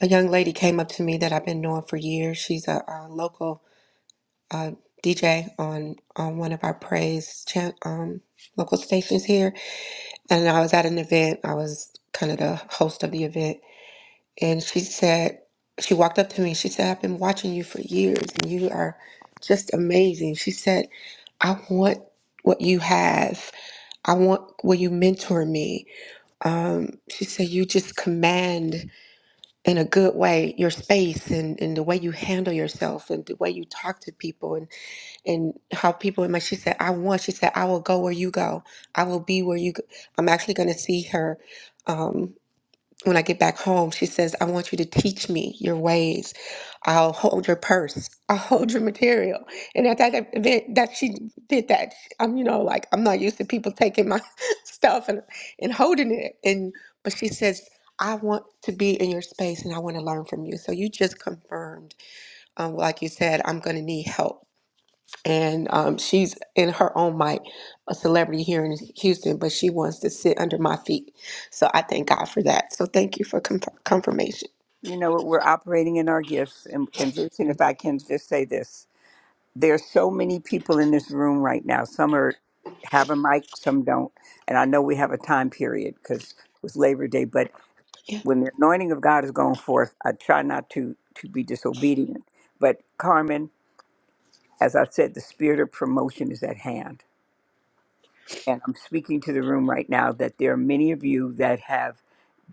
A young lady came up to me that I've been knowing for years. She's a, uh local uh, DJ on, on one of our praise chan- um, local stations here And I was at an event, I was kind of the host of the event, and she said, she walked up to me, she said, I've been watching you for years and you are just amazing. She said, I want what you have. I want, will you mentor me? Um, she said, you just command in a good way your space and, and the way you handle yourself and the way you talk to people. and and how people in my she said i want she said i will go where you go i will be where you go. i'm actually going to see her um, when i get back home she says i want you to teach me your ways i'll hold your purse i'll hold your material and at that event that she did that i'm you know like i'm not used to people taking my stuff and and holding it and but she says I want to be in your space and I want to learn from you. So you just confirmed, um, like you said, I'm going to need help and um, she's in her own right a celebrity here in Houston, but she wants to sit under my feet. So I thank God for that. So thank you for conf- confirmation.
You know what? We're operating in our gifts. And, and Jason, if I can just say this, there's so many people in this room right now. Some are have a mic, some don't. And I know we have a time period because it was Labor Day, but
Yeah,
when the anointing of God is going forth, I try not to to be disobedient. But Carmen, as I said, the spirit of promotion is at hand. And I'm speaking to the room right now that there are many of you that have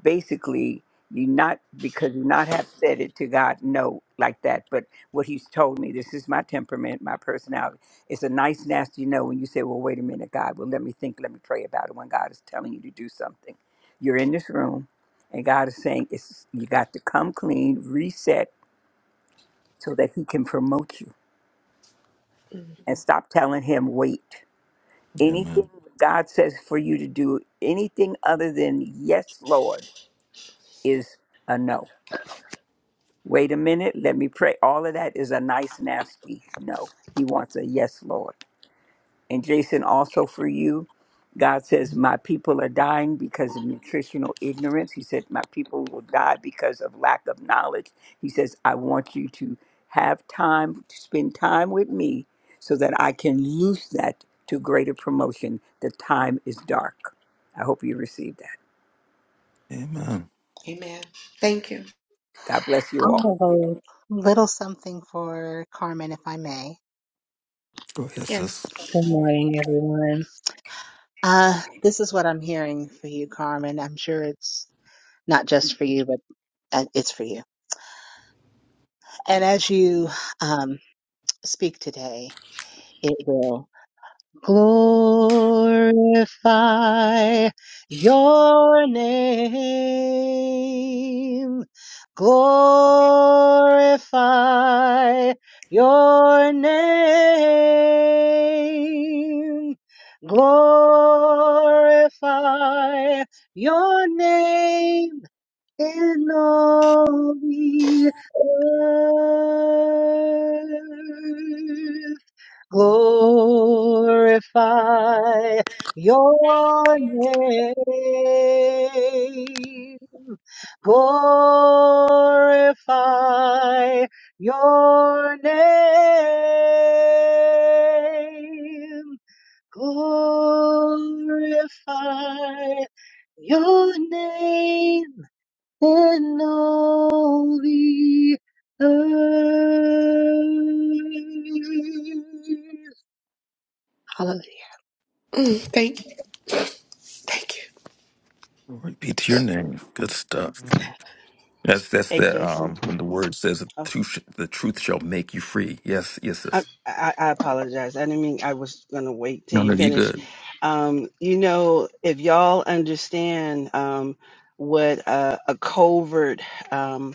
basically you not because you not have said it to God no like that, but what He's told me, this is my temperament, my personality. It's a nice nasty no when you say, Well, wait a minute, God, well let me think, let me pray about it when God is telling you to do something. You're in this room and God is saying it's you got to come clean, reset so that He can promote you. And stop telling him wait.
Amen.
Anything God says for you to do, anything other than yes, Lord, is a no Wait a minute, let me pray. All of that is a nice, nasty no. He wants a yes, Lord. And Jason, also for you, God says, My people are dying because of nutritional ignorance. He said, My people will die because of lack of knowledge. He says, I want you to have time, to spend time with me so that I can loose that to greater promotion. The time is dark. I hope you receive that.
Amen.
Amen. Thank you.
God bless
I
you all.
will have a little something for Carmen, if I may.
Go ahead,
Yes.
sis.
Good morning, everyone. Uh, this is what I'm hearing for you, Carmen. I'm sure it's not just for you, but uh, it's for you. And as you um, speak today, it will. Glorify your name. Glorify your name. Glorify your name in all the earth glorify your name. Glorify your name. Glorify your name in all the earth. Hallelujah.
Mm, thank you. Thank you.
Glory be to your name. Good stuff. That's that's
Hey,
the
Jason.
um when the word says the
Oh,
truth, the truth shall make you free. Yes, yes, sis.
I, I I apologize. I didn't mean I was gonna wait
No,
till you
no, you
finish.
good.
Um, you know, if y'all understand um, what uh, a covert um,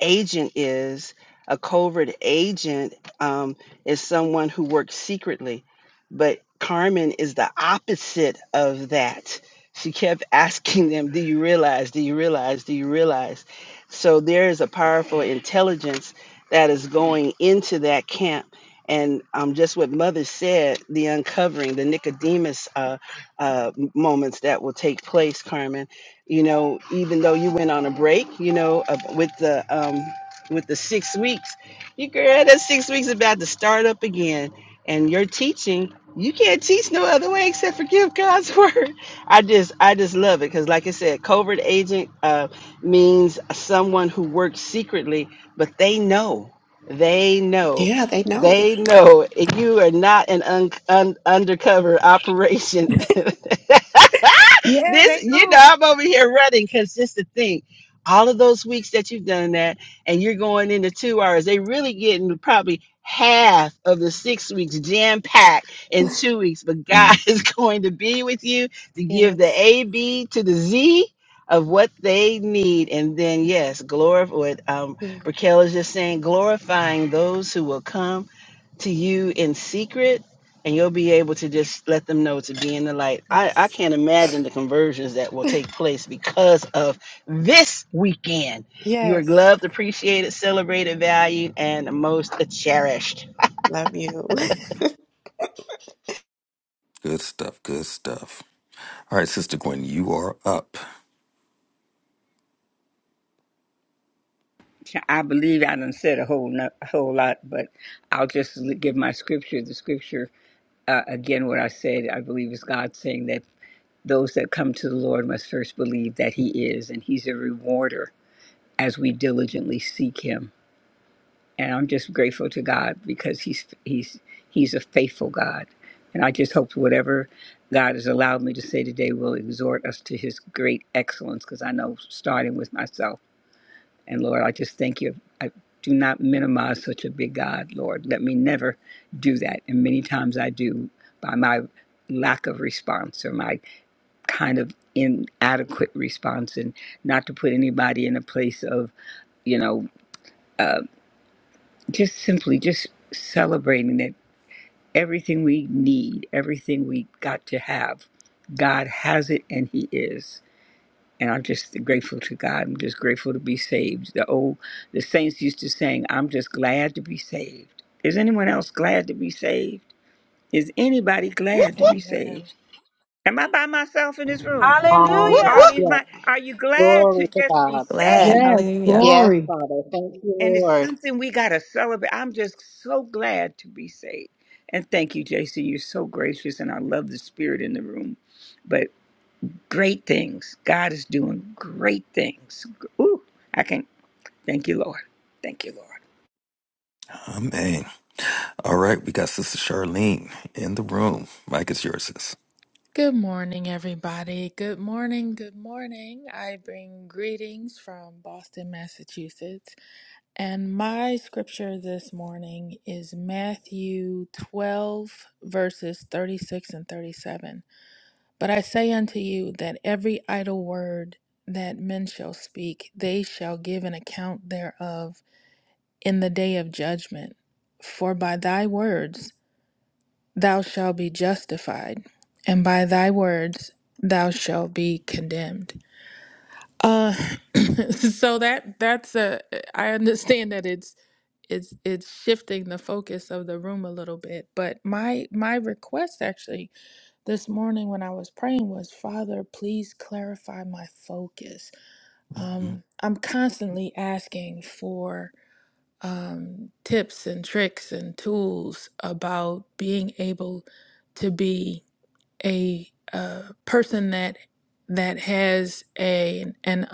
agent is. A covert agent um, is someone who works secretly, but Carmen is the opposite of that. She kept asking them, Do you realize? Do you realize? Do you realize? So there is a powerful intelligence that is going into that camp. And um, just what Mother said, the uncovering, the Nicodemus uh, uh, moments that will take place, Carmen you know even though you went on a break you know of- with the um with the six weeks you girl that six weeks is about to start up again and you're teaching you can't teach no other way except for give god's word i just i just love it because like i said covert agent uh, means someone who works secretly but they know they know
Yeah, they know.
they know if you are not an un- un- undercover operation this, you know, I'm over here running because just to think, all of those weeks that you've done that, and you're going into two hours, they really getting probably half of the six weeks jam packed in two weeks. But God
Mm.
is going to be with you to give
Yes.
the A, B to the Z of what they need. And then, yes, glorify what um,
Mm,
Raquel is just saying, glorifying those who will come to you in secret and you'll be able to just let them know to be in the light. I, I
yes.
can't imagine the conversions that will take place because of this weekend. You are
Yes.
loved, appreciated, celebrated, valued, and most cherished.
Love you.
Good stuff. Good stuff. All right, Sister Gwen, you are up.
I believe I done said a whole no, a whole lot, but I'll just l- give my scripture. The scripture uh, again, what I said, I believe is God saying that those that come to the Lord must first believe that He is, and He's a rewarder as we diligently seek Him. And I'm just grateful to God because He's He's He's a faithful God, and I just hope whatever God has allowed me to say today will exhort us to His great excellence. Because I know, starting with myself. And Lord, I just thank you. I do not minimize such a big God, Lord. Let me never do that. And many times I do by my lack of response or my kind of inadequate response, and not to put anybody in a place of, you know, uh, just simply just celebrating that everything we need, everything we got to have, God has it and He is. and I'm just grateful to God. I'm just grateful to be saved. The old the saints used to sing, "I'm just glad to be saved." Is anyone else glad to be saved? Is anybody
Whoop,
glad to
whoop,
be
Amen.
saved? Am I by myself in this room?
whoop,
All
Hallelujah.
whoop.
these
Hallelujah.
my are you glad to
Glory to
just be
God.
Glad.
saved?
Yes,
Hallelujah.
Yes,
glory.
Father. Thank you,
And it's
Lord.
something we gotta celebrate. I'm just so glad to be saved. And thank you, Jason. You're so gracious, and I love the spirit in the room. But great things. God is doing great things. Ooh, I can. Thank you, Lord. Thank you, Lord.
Amen. All right, we got Sister Charlene in the room. Mike is yours, sis.
Good morning, everybody. Good morning. Good morning. I bring greetings from Boston, Massachusetts. And my scripture this morning is Matthew 12, verses 36 and 37. But I say unto you that every idle word that men shall speak, they shall give an account thereof in the day of judgment. For by thy words thou shalt be justified, and by thy words thou shalt be condemned. Uh, so that that's a I understand that it's it's it's shifting the focus of the room a little bit, but my my request actually this morning when I was praying was, Father, please clarify my focus.
Mm,
Um, I'm constantly asking for um, tips and tricks and tools about being able to be a, uh person that that has a an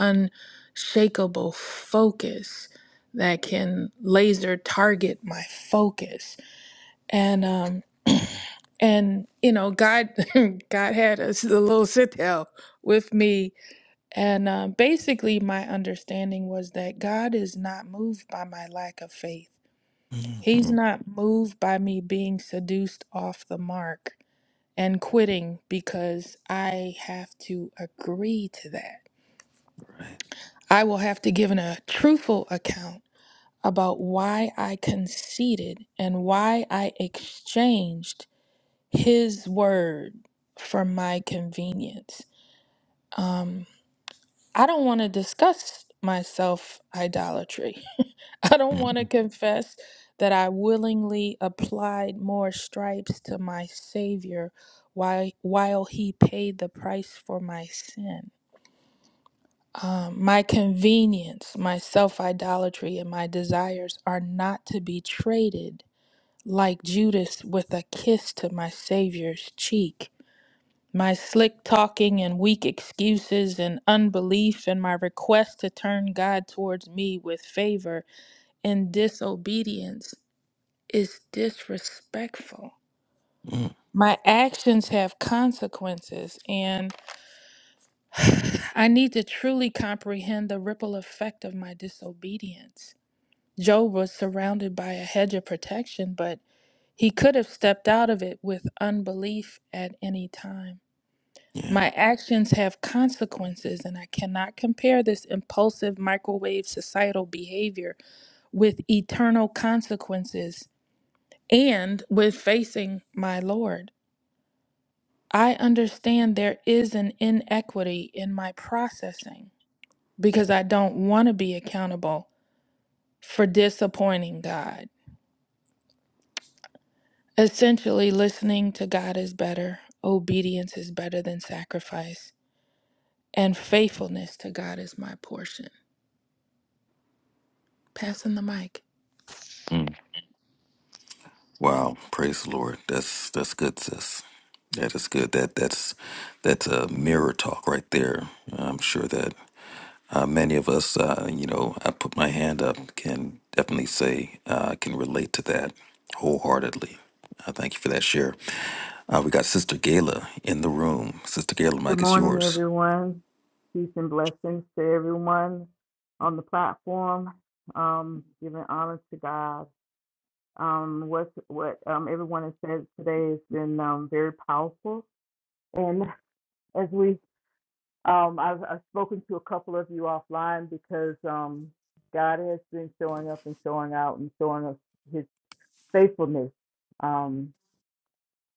unshakable focus that can laser target my focus and um and you know god god had a, s- a little sit down with me and um, basically my understanding was that god is not moved by my lack of faith
mm,
he's
mm,
not moved by me being seduced off the mark and quitting because i have to agree to that
Right.
i will have to give an, a truthful account about why i conceded and why i exchanged his word for my convenience. Um, I don't want to discuss my self idolatry. I don't want to
Mm,
confess that I willingly applied more stripes to my Savior while, while he paid the price for my sin. Um, my convenience, my self idolatry, and my desires are not to be traded like Judas with a kiss to my Savior's cheek. My slick talking and weak excuses and unbelief and my request to turn God towards me with favor and disobedience is disrespectful.
mm,
My actions have consequences, and I need to truly comprehend the ripple effect of my disobedience. Job was surrounded by a hedge of protection, but he could have stepped out of it with unbelief at any time.
Yeah.
My actions have consequences, and I cannot compare this impulsive microwave societal behavior with eternal consequences and with facing my Lord. I understand there is an inequity in my processing because I don't want to be accountable for disappointing God. Essentially, listening to God is better, obedience is better than sacrifice, and faithfulness to God is my portion. Passing the mic.
Mm-hmm. Wow, praise the Lord. That's that's good, sis. That is good. That that's that's a mirror talk right there. I'm sure that uh, many of us, uh, you know, I put my hand up, can definitely say uh, can relate to that wholeheartedly. Uh, thank you for that share. Uh, we got Sister Gayla in the room. Sister Gayla,
Good
mic is
morning,
yours.
everyone. Peace and blessings to everyone on the platform. Um, giving honor to God. Um, what what um, everyone has said today has been um, very powerful. And as we Um, I've, I've spoken to a couple of you offline because um, God has been showing up and showing out and showing us His faithfulness. Um,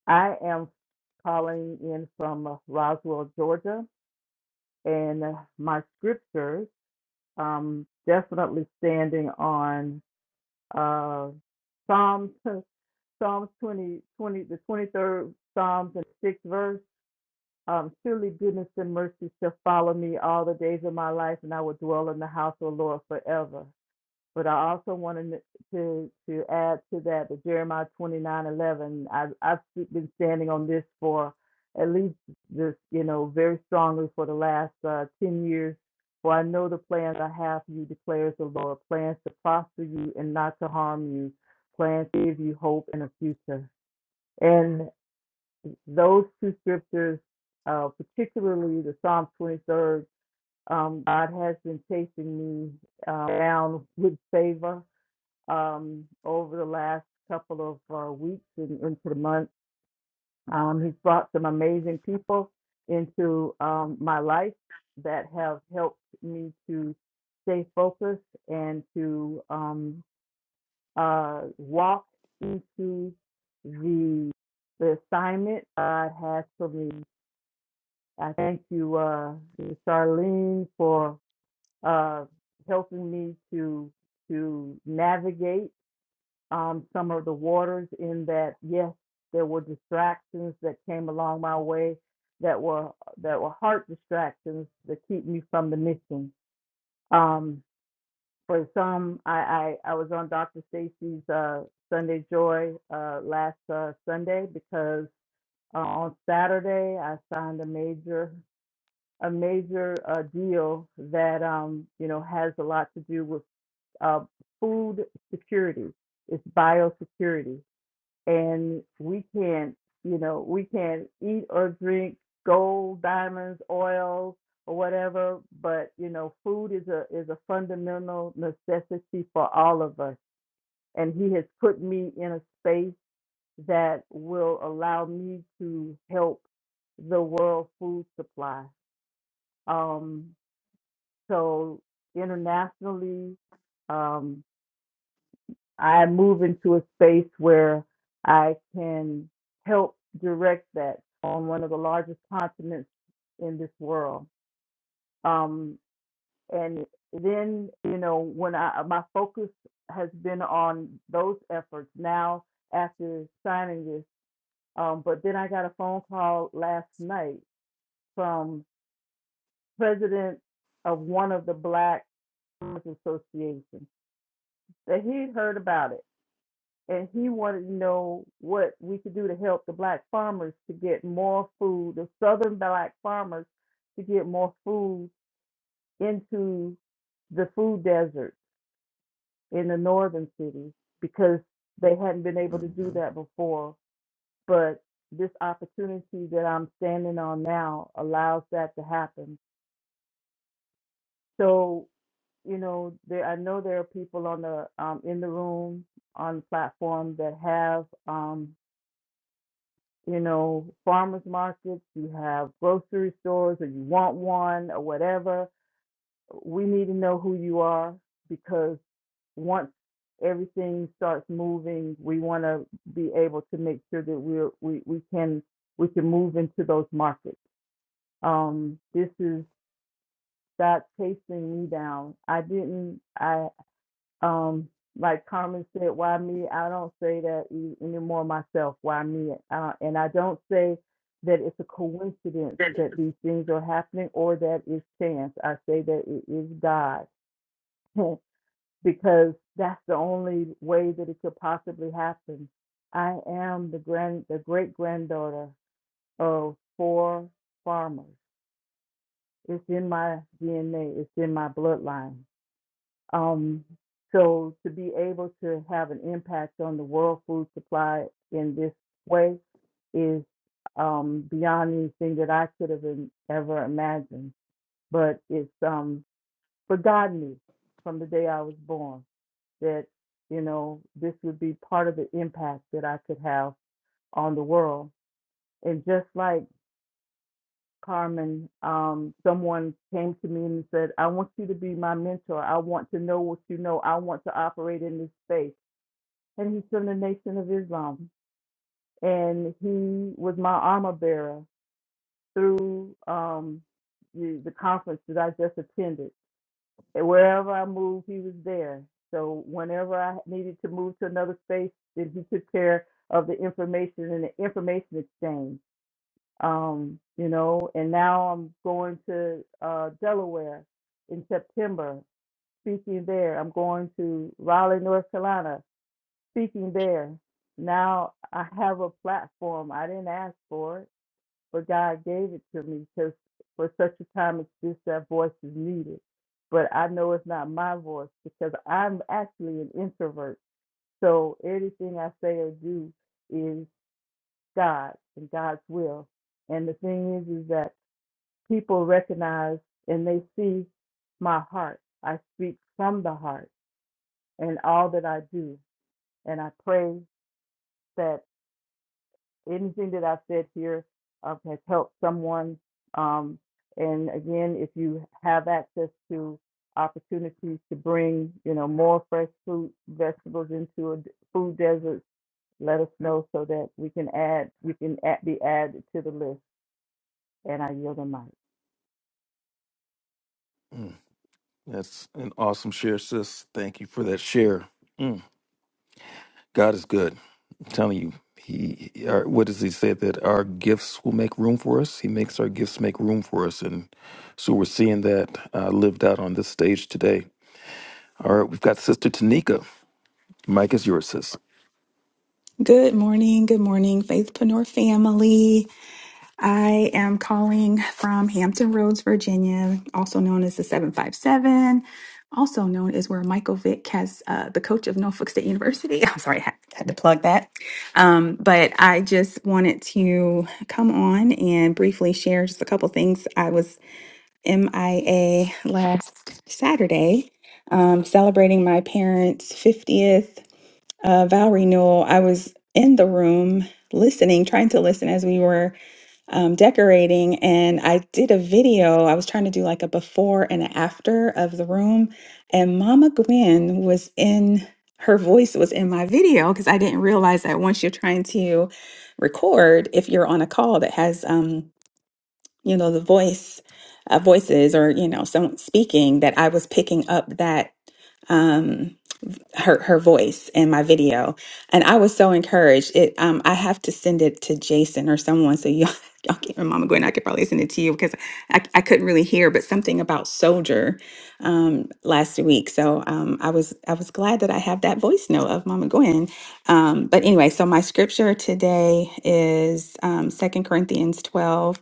I am calling in from Roswell, Georgia, and my scriptures um, definitely standing on uh, Psalms, Psalms 20 20, the 23rd Psalms and 6th verse. Um, surely goodness and mercy shall follow me all the days of my life, and I will dwell in the house of the Lord forever. But I also wanted to to add to that that Jeremiah twenty nine eleven. I, I've been standing on this for at least this, you know, very strongly for the last uh, ten years. For I know the plans I have for you, declares the Lord, plans to prosper you and not to harm you, plans to give you hope and a future. And those two scriptures, uh, particularly the Psalm 23rd, um, God has been chasing me uh, down with favor um, over the last couple of uh, weeks and into the month. Um, he's brought some amazing people into um, my life that have helped me to stay focused and to um, uh, walk into the the assignment God has for me I thank you, uh, Charlene, for uh, helping me to to navigate um, some of the waters. In that, yes, there were distractions that came along my way that were that were heart distractions that keep me from the mission. Um, for some, I, I I was on Dr. Stacy's uh, Sunday Joy uh, last uh, Sunday because uh, on Saturday I signed a major a major uh, deal that um, you know has a lot to do with uh, food security. It's biosecurity, and we can't you know we can't eat or drink gold, diamonds, oil, or whatever. But you know, food is a is a fundamental necessity for all of us, and He has put me in a space that will allow me to help the world food supply. Um, so internationally, um, I move into a space where I can help direct that on one of the largest continents in this world. Um, and then, you know, when I my focus has been on those efforts now after signing this. Um, but then I got a phone call last night from president of one of the Black Farmers Associations that he'd heard about it and he wanted to know what we could do to help the black farmers to get more food, the southern black farmers to get more food into the food desert in the northern cities because they hadn't been able to do
Mhm.
that before. But this opportunity that I'm standing on now allows that to happen. So, you know, there I know there are people on the um, in the room on the platform that have um, you know, farmers markets, you have grocery stores, or you want one, or whatever. We need to know who you are because once everything starts moving, we want to be able to make sure that we're, we we can we can move into those markets. Um, this is God chasing me down. I didn't. I um, like Carmen said, why me? I don't say that e- anymore myself. Why me? Uh, and I don't say that it's a coincidence that these things are happening or that it's chance. I say that it is God because that's the only way that it could possibly happen. I am the grand, the great granddaughter of four farmers. It's in my DNA. It's in my bloodline. Um, so to be able to have an impact on the world food supply in this way is um, beyond anything that I could have in, ever imagined. But it's um, but God knew from the day I was born that you know this would be part of the impact that I could have on the world. And just like Carmen, um, someone came to me and said, "I want you to be my mentor. I want to know what you know. I want to operate in this space." and he's from the Nation of Islam. And he was my armor bearer through um, the, the conference that I just attended. And wherever I moved, he was there. So whenever I needed to move to another space, then he took care of the information and the information exchange. Um, you know, and now I'm going to uh, Delaware in September, speaking there. I'm going to Raleigh, North Carolina speaking there. Now I have a platform. I didn't ask for it, but God gave it to me because for such a time as this, that voice is needed. But I know it's not my voice because I'm actually an introvert. So everything I say or do is God and God's will. And the thing is, is that people recognize and they see my heart. I speak from the heart and all that I do. And I pray that. anything that I said here uh, has helped someone. Um, and again, if you have access to opportunities to bring, you know, more fresh fruit, vegetables into a d- food desert, let us know so that we can add, we can add, be added to the list. And I yield the mic.
Mm, That's an awesome share, sis. Thank you for that share. Mm, God is good. telling you, he, our, what does he say that our gifts will make room for us? He makes our gifts make room for us, and so we're seeing that uh, lived out on this stage today. All right, we've got Sister Tanika. Mike is yours, sis.
Good morning. Good morning, Faithpreneur family. I am calling from Hampton Roads, Virginia, also known as the 757, also known as where Michael Vick has uh, the coach of Norfolk State University. I'm sorry, I had had to plug that. Um, but I just wanted to come on and briefly share just a couple things. I was MIA last Saturday um, celebrating my parents' 50th uh, Valerie Newell, I was in the room listening, trying to listen as we were um, decorating, and I did a video. I was trying to do like a before and a after of the room, and Mama Gwen was in. Her voice was in my video because I didn't realize that once you're trying to record, if you're on a call that has, um, you know, the voice, uh, voices, or you know, someone speaking, that I was picking up that. Um, her her voice in my video, and I was so encouraged. It um I have to send it to Jason or someone so y'all y'all keep and Mama Gwen. I could probably send it to you because I I couldn't really hear, but something about soldier um last week. So um I was I was glad that I have that voice note of Mama Gwen. Um, but anyway, so my scripture today is um Second Corinthians twelve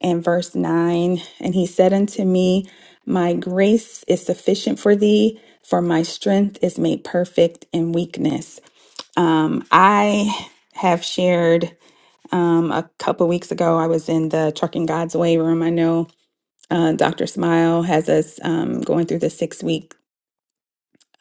and verse 9. And he said unto me, My grace is sufficient for thee, for my strength is made perfect in weakness. Um, I have shared um, a couple weeks ago, I was in the Trucking God's Way room. I know uh, Dr. Smile has us um, going through the six week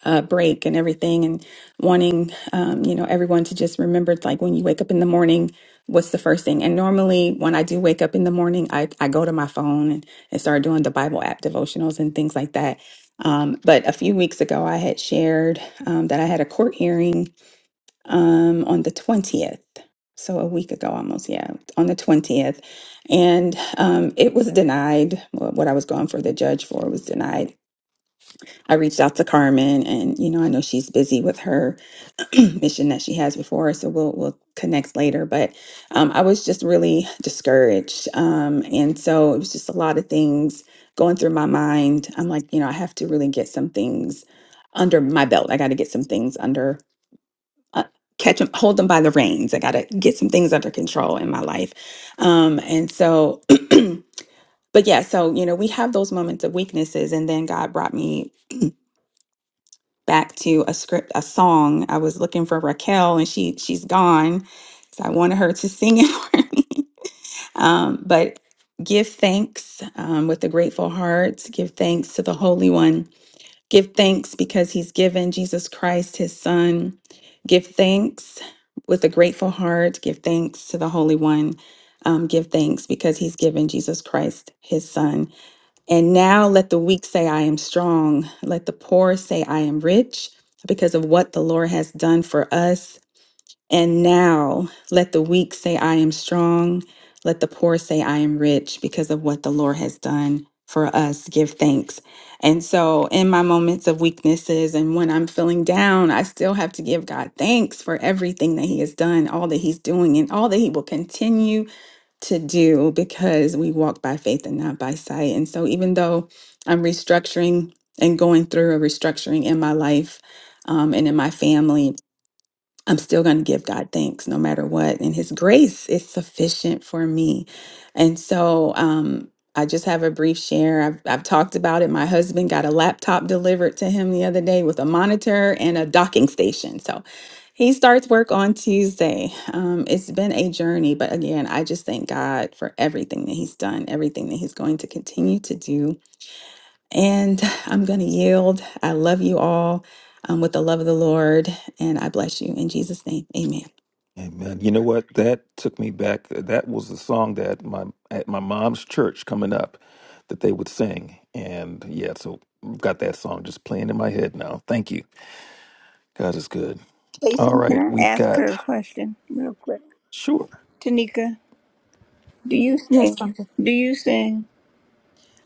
uh, break and everything and wanting um, you know everyone to just remember like when you wake up in the morning what's the first thing and normally when i do wake up in the morning i, I go to my phone and, and start doing the bible app devotionals and things like that um, but a few weeks ago i had shared um, that i had a court hearing um, on the 20th so a week ago almost yeah on the 20th and um, it was denied what what i was going for the judge for was denied I reached out to Carmen, and you know, I know she's busy with her mission that she has before, her, so we'll we'll connect later. But um, I was just really discouraged, um, and so it was just a lot of things going through my mind. I'm like, you know, I have to really get some things under my belt. I got to get some things under. uh, Catch them, hold them by the reins. I got to get some things under control in my life. Um, and so, but yeah, so, you know, we have those moments of weaknesses. And then God brought me back to a script, a song. I was looking for Raquel, and she she's gone, so I wanted her to sing it for me. Um, but give thanks um, with a grateful heart. Give thanks to the Holy One. Give thanks because He's given Jesus Christ His Son. Give thanks with a grateful heart. Give thanks to the Holy One. Um, give thanks because He's given Jesus Christ His Son and now let the weak say, I am strong. Let the poor say, I am rich because of what the Lord has done for us. And now let the weak say, I am strong. Let the poor say, I am rich because of what the Lord has done for us. Give thanks. And so, in my moments of weaknesses and when I'm feeling down, I still have to give God thanks for everything that He has done, all that He's doing, and all that He will continue to do because we walk by faith and not by sight. And so, even though I'm restructuring and going through a restructuring in my life um, and in my family, I'm still going to give God thanks no matter what. And His grace is sufficient for me. And so um, I just have a brief share. I've, I've talked about it. My husband got a laptop delivered to him the other day with a monitor and a docking station. So he starts work on Tuesday. Um, it's been a journey, but again, I just thank God for everything that He's done, everything that He's going to continue to do and I'm going to yield. I love you all um, with the love of the Lord, and I bless you in Jesus' name. Amen.
Amen. You know what? That took me back. That was the song that my at my mom's church coming up that they would sing, and yeah, so I've got that song just playing in my head now. Thank you. God is good. All
Jason,
right,
can I
we've
ask
got
her a question real quick?
sure.
Tanika, do you
Yes,
sing?
Doctor.
Do you sing?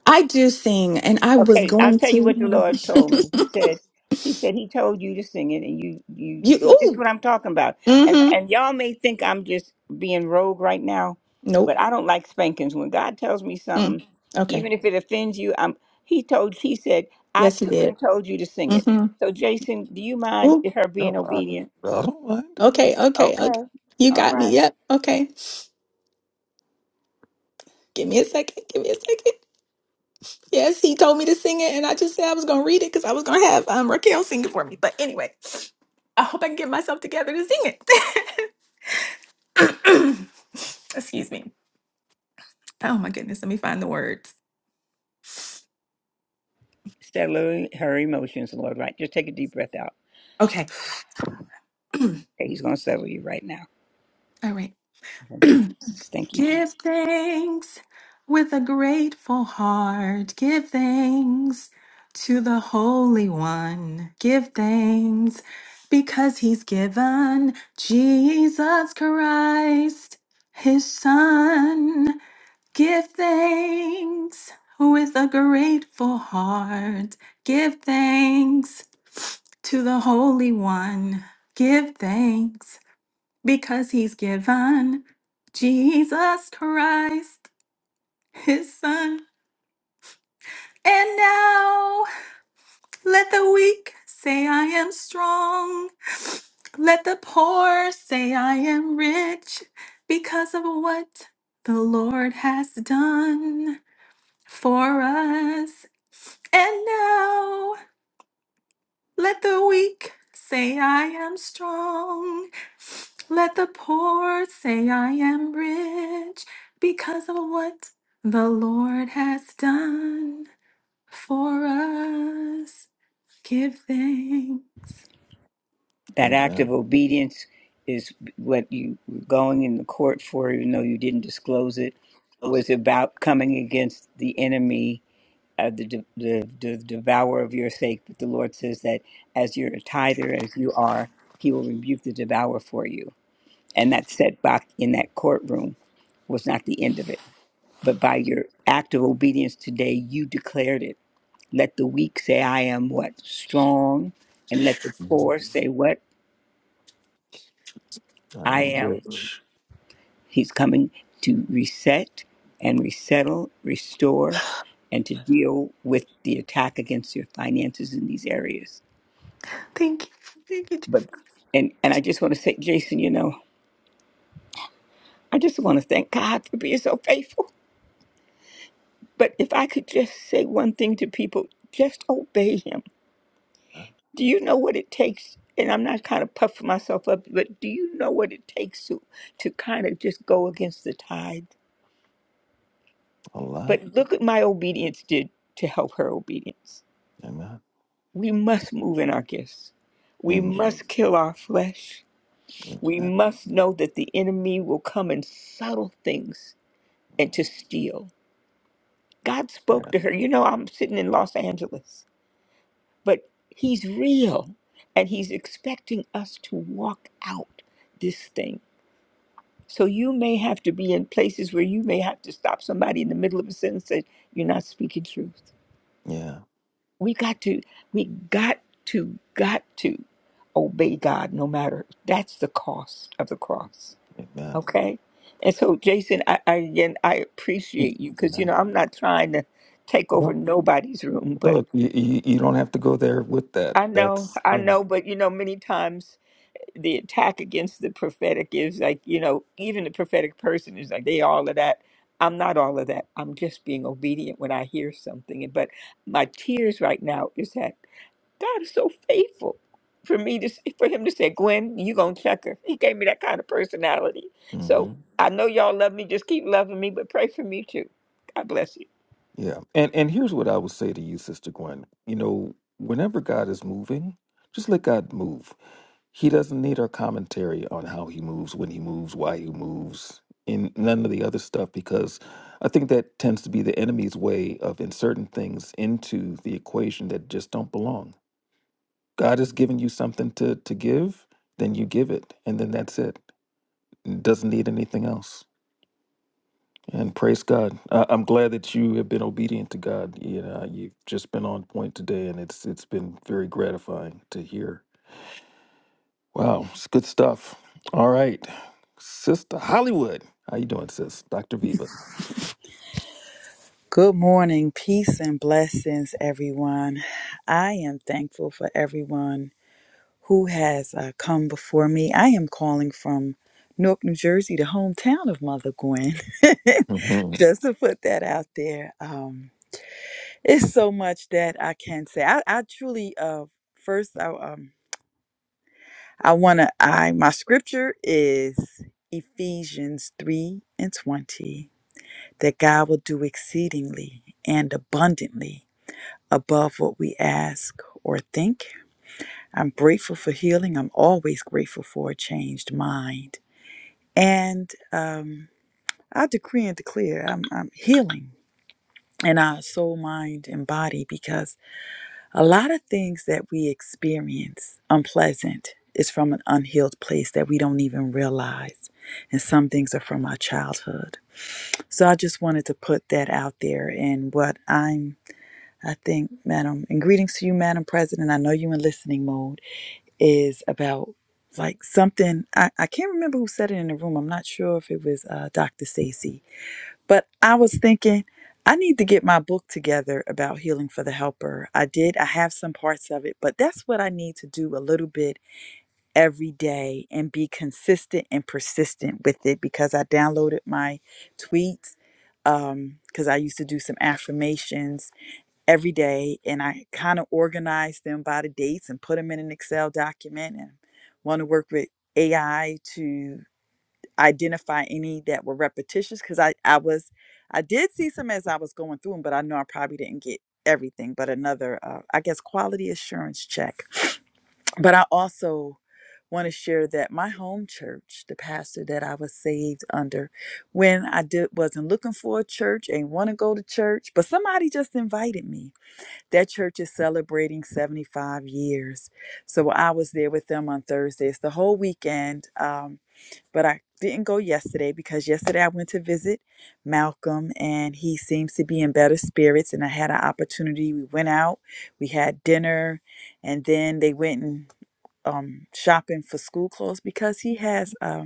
I do sing, and I was
Okay, I'll
going
tell you what the
to.
Lord told me. He said, He said He told you to sing it, and you, you
you,
see, this is
ooh,
what I'm talking about. And
mm-hmm.
and y'all may think I'm just being rogue right now, but
Nope.
I don't like spankings. When God tells me
Mm.
something,
Okay.
even if it offends you, I'm. He told. He said, I
Yes, you
took and
did.
told you to sing it.
Mm-hmm.
So, Jason, do you mind
Ooh,
her
No,
being obedient?
I, I don't mind.
okay, okay, okay.
Okay.
You
All
got me.
right.
Yep. Okay. Give me a second. Give me a second. Yes, he told me to sing it, and I just said I was going to read it because I was going to have um, Raquel sing it for me. But anyway, I hope I can get myself together to sing it. Excuse me. Oh my goodness, let me find the words.
settling her emotions, Lord, right? Just take a deep breath out.
Okay. All
Okay, he's going to settle you right now.
right.
Thank you, Jesus. Thank you, Jesus.
Give thanks with a grateful heart. Give thanks to the Holy One. Give thanks because He's given Jesus Christ, His Son. Give thanks with a grateful heart. Give thanks to the Holy One. Give thanks because he's given Jesus Christ, his son. And now let the weak say, I am strong. Let the poor say, I am rich because of what the Lord has done for us. And now. Let the weak say I am strong. Let the poor say I am rich because of what the Lord has done for us. Give thanks.
That act
Amen.
of obedience is what you were going in the court for, even though you didn't disclose it, was about coming against the enemy, uh, the, de- the, the devourer of your sake. But the Lord says that as you're a tither, as you are, he will rebuke the devourer for you. And that setback in that courtroom was not the end of it but by your act of obedience today, you declared it. Let the weak say, I am what? Strong. And let the
Mhm.
poor say, What?
I
I
am
am.
rich.
He's coming to reset and resettle, restore, and to deal with the attack against your finances in these areas.
Thank you. Thank you,
But, and, and I just want to say, Jason, you know, I just want to thank God for being so faithful. But if I could just say one thing to people, just obey Him
Uh,
Do you know what it takes? And I'm not kind of puffing myself up, but do you know what it takes to to kind of just go against the tide?
A lot.
But look at my obedience did to help her obedience.
Amen.
We must move in our gifts. We
Amen.
must kill our flesh. We
Amen.
must know that the enemy will come in subtle things and to steal. God
Yeah.
spoke to her. You know, I'm sitting in Los Angeles, but he's real and he's expecting us to walk out this thing. So you may have to be in places where you may have to stop somebody in the middle of a sentence that you're not speaking truth.
Yeah.
We got to, we got to, got to obey God no matter. That's the cost of the cross.
Amen.
Okay? And so, Jason, I, I again, I
Mm.
appreciate you because, you
Amen.
know, I'm not trying to take over
Well,
nobody's room, but
look, you, you, you don't have to go there with that.
I know,
That's
I
yeah.
know, but, you know, many times. the attack against the prophetic is like, you know, even the prophetic person is like, they all of that. I'm not all of that. I'm just being obedient when I hear something. But my tears right now is that God is so faithful for me to for him to say, Gwen, you gonna check her. He gave me that kind of personality. So
hmm
I know y'all love me. Just keep loving me, but pray for me too. God bless you.
Yeah. And and here's what I would say to you, Sister Gwen. You know, whenever God is moving, just let God move. He doesn't need our commentary on how he moves, when he moves, why he moves, and none of the other stuff, because I think that tends to be the enemy's way of inserting things into the equation that just don't belong. God has given you something to, to give, then you give it, and then that's it. It doesn't need anything else. And praise God. I, I'm glad that you have been obedient to God. You know, you've just been on point today, and it's it's been very gratifying to hear. Wow, it's good stuff. All right, Sister Hollywood, how you doing, sis? Doctor Viva.
Good morning, peace and blessings, everyone. I am thankful for everyone who has uh, come before me. I am calling from Newark, New Jersey, the hometown of Mother Gwen,
hmm
just to put that out there. Um, it's so much that I can say. I, I truly, uh, first, I, um, I want to, I, my scripture is Ephesians 3 and 20, that God will do exceedingly and abundantly above what we ask or think. I'm grateful for healing. I'm always grateful for a changed mind. And um, I decree and declare I'm, I'm healing in our soul, mind, and body because A lot of things that we experience unpleasant is from an unhealed place that we don't even realize. And some things are from our childhood. So I just wanted to put that out there. And what I'm, I think, Madam, and greetings to you, Madam President. I know you in listening mode, is about like something. I, I can't remember who said it in the room. I'm not sure if it was uh, Dr. Stacy but I was thinking, I need to get my book together about healing for the helper. I did, I have some parts of it, but that's what I need to do a little bit every day and be consistent and persistent with it because I downloaded my tweets um because I used to do some affirmations every day and I kind of organized them by the dates and put them in an Excel document and want to work with AI to identify any that were repetitious because I, I was I did see some as I was going through them, but I know I probably didn't get everything. But another, uh, I guess, quality assurance check. But I also want to share that my home church, the pastor that I was saved under, when I did wasn't looking for a church, ain't want to go to church, but somebody just invited me. That church is celebrating 75 years, so I was there with them on Thursdays the whole weekend. Um, but I didn't go yesterday because yesterday I went to visit Malcolm and he seems to be in better spirits. And I had an opportunity. We went out, we had dinner, and then they went and um, shopping for school clothes because he has. um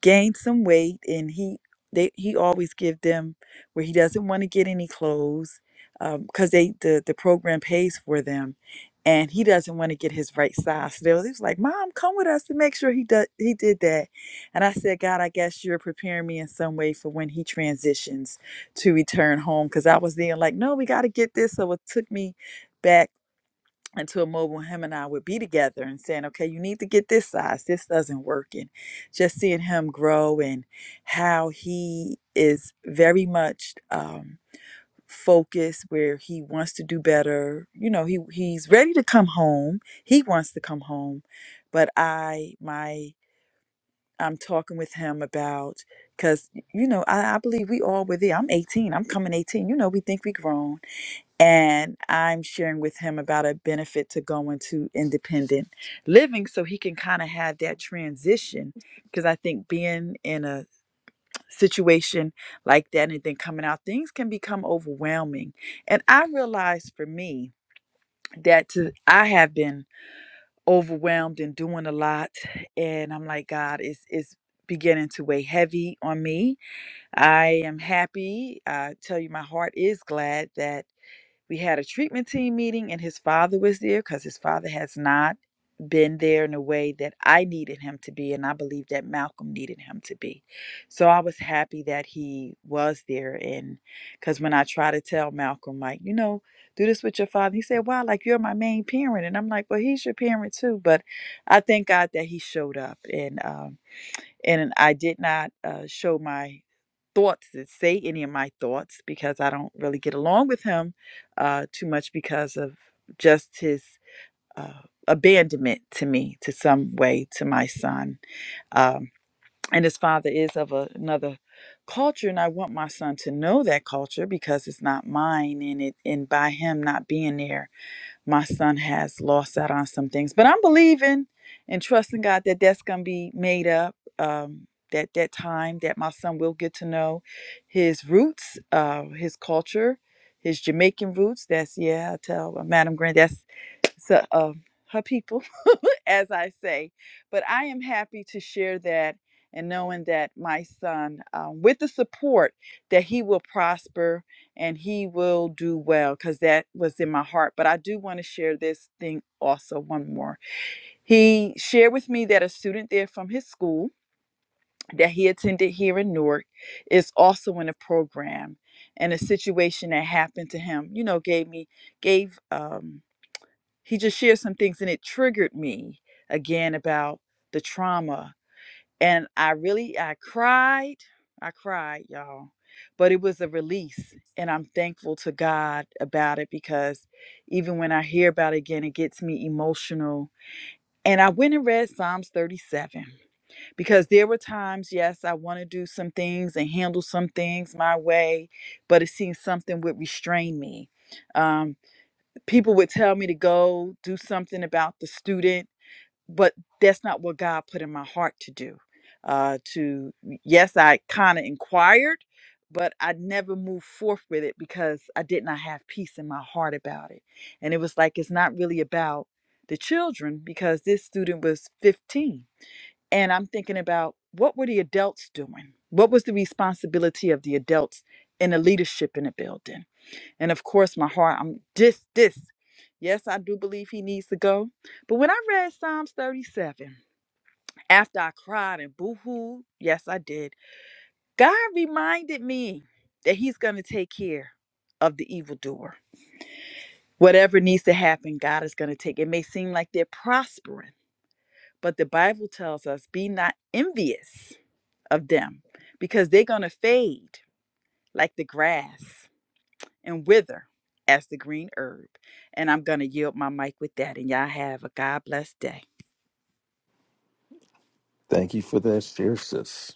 gained some weight and he they he always give them where he doesn't want to get any clothes because they the, the program pays for them and he doesn't want to get his right size so they was, he was like mom come with us to make sure he does he did that and i said god i guess you're preparing me in some way for when he transitions to return home because i was there like no we got to get this so it took me back until a moment when him and I would be together and saying, okay, you need to get this size. This doesn't work. And just seeing him grow and how he is very much um, focused where he wants to do better. You know, he he's ready to come home. He wants to come home. But I, my, I'm talking with him about, because, you know, I, I believe we all were there. I'm 18. I'm coming 18. You know, we think we grown and I'm sharing with him about a benefit to going to independent living so he can kind of have that transition because I think being in a situation like that and then coming out things can become overwhelming and I realized for me that to, I have been overwhelmed and doing a lot and I'm like God it's it's beginning to weigh heavy on me. I am happy. I tell you my heart is glad that we had a treatment team meeting, and his father was there because his father has not been there in a way that I needed him to be, and I believe that Malcolm needed him to be. So I was happy that he was there. And because when I try to tell Malcolm, like, you know, do this with your father, he said, wow, like you're my main parent. And I'm like, well, he's your parent too. But I thank God that he showed up. And, um, and I did not uh, show my thoughts and say any of my thoughts because I don't really get along with him uh, too much because of just his uh, abandonment to me, to some way, to my son. Um, and his father is of a, another culture, and I want my son to know that culture because it's not mine. And it, and by him not being there, my son has lost out on some things, but I'm believing and trusting God that that's going to be made up. Um, that that time that my son will get to know his roots, uh, his culture, his Jamaican roots. That's yeah, I tell Madam Grant. That's so um, her people, as I say. But I am happy to share that and knowing that my son, um, with the support, that he will prosper and he will do well, because that was in my heart. But I do want to share this thing also one more. He shared with me that a student there from his school that he attended here in Newark is also in a program. And a situation that happened to him, you know, gave me gave um, he just shared some things and it triggered me again about the trauma and i really i cried i cried y'all but it was a release and i'm thankful to god about it because even when i hear about it again it gets me emotional and i went and read psalms 37 because there were times yes i want to do some things and handle some things my way but it seems something would restrain me Um, people would tell me to go do something about the student but that's not what god put in my heart to do uh to yes i kind of inquired but i never moved forth with it because i did not have peace in my heart about it and it was like it's not really about the children because this student was 15 and i'm thinking about what were the adults doing what was the responsibility of the adults in the leadership in the building and of course, my heart, I'm this, this. Yes, I do believe he needs to go. But when I read Psalms 37, after I cried and boo hoo, yes, I did, God reminded me that he's going to take care of the evildoer. Whatever needs to happen, God is going to take. It may seem like they're prospering, but the Bible tells us be not envious of them because they're going to fade like the grass. and wither as the green herb. And I'm going to yield my mic with that. And y'all have a God bless day.
Thank you for that share, sis.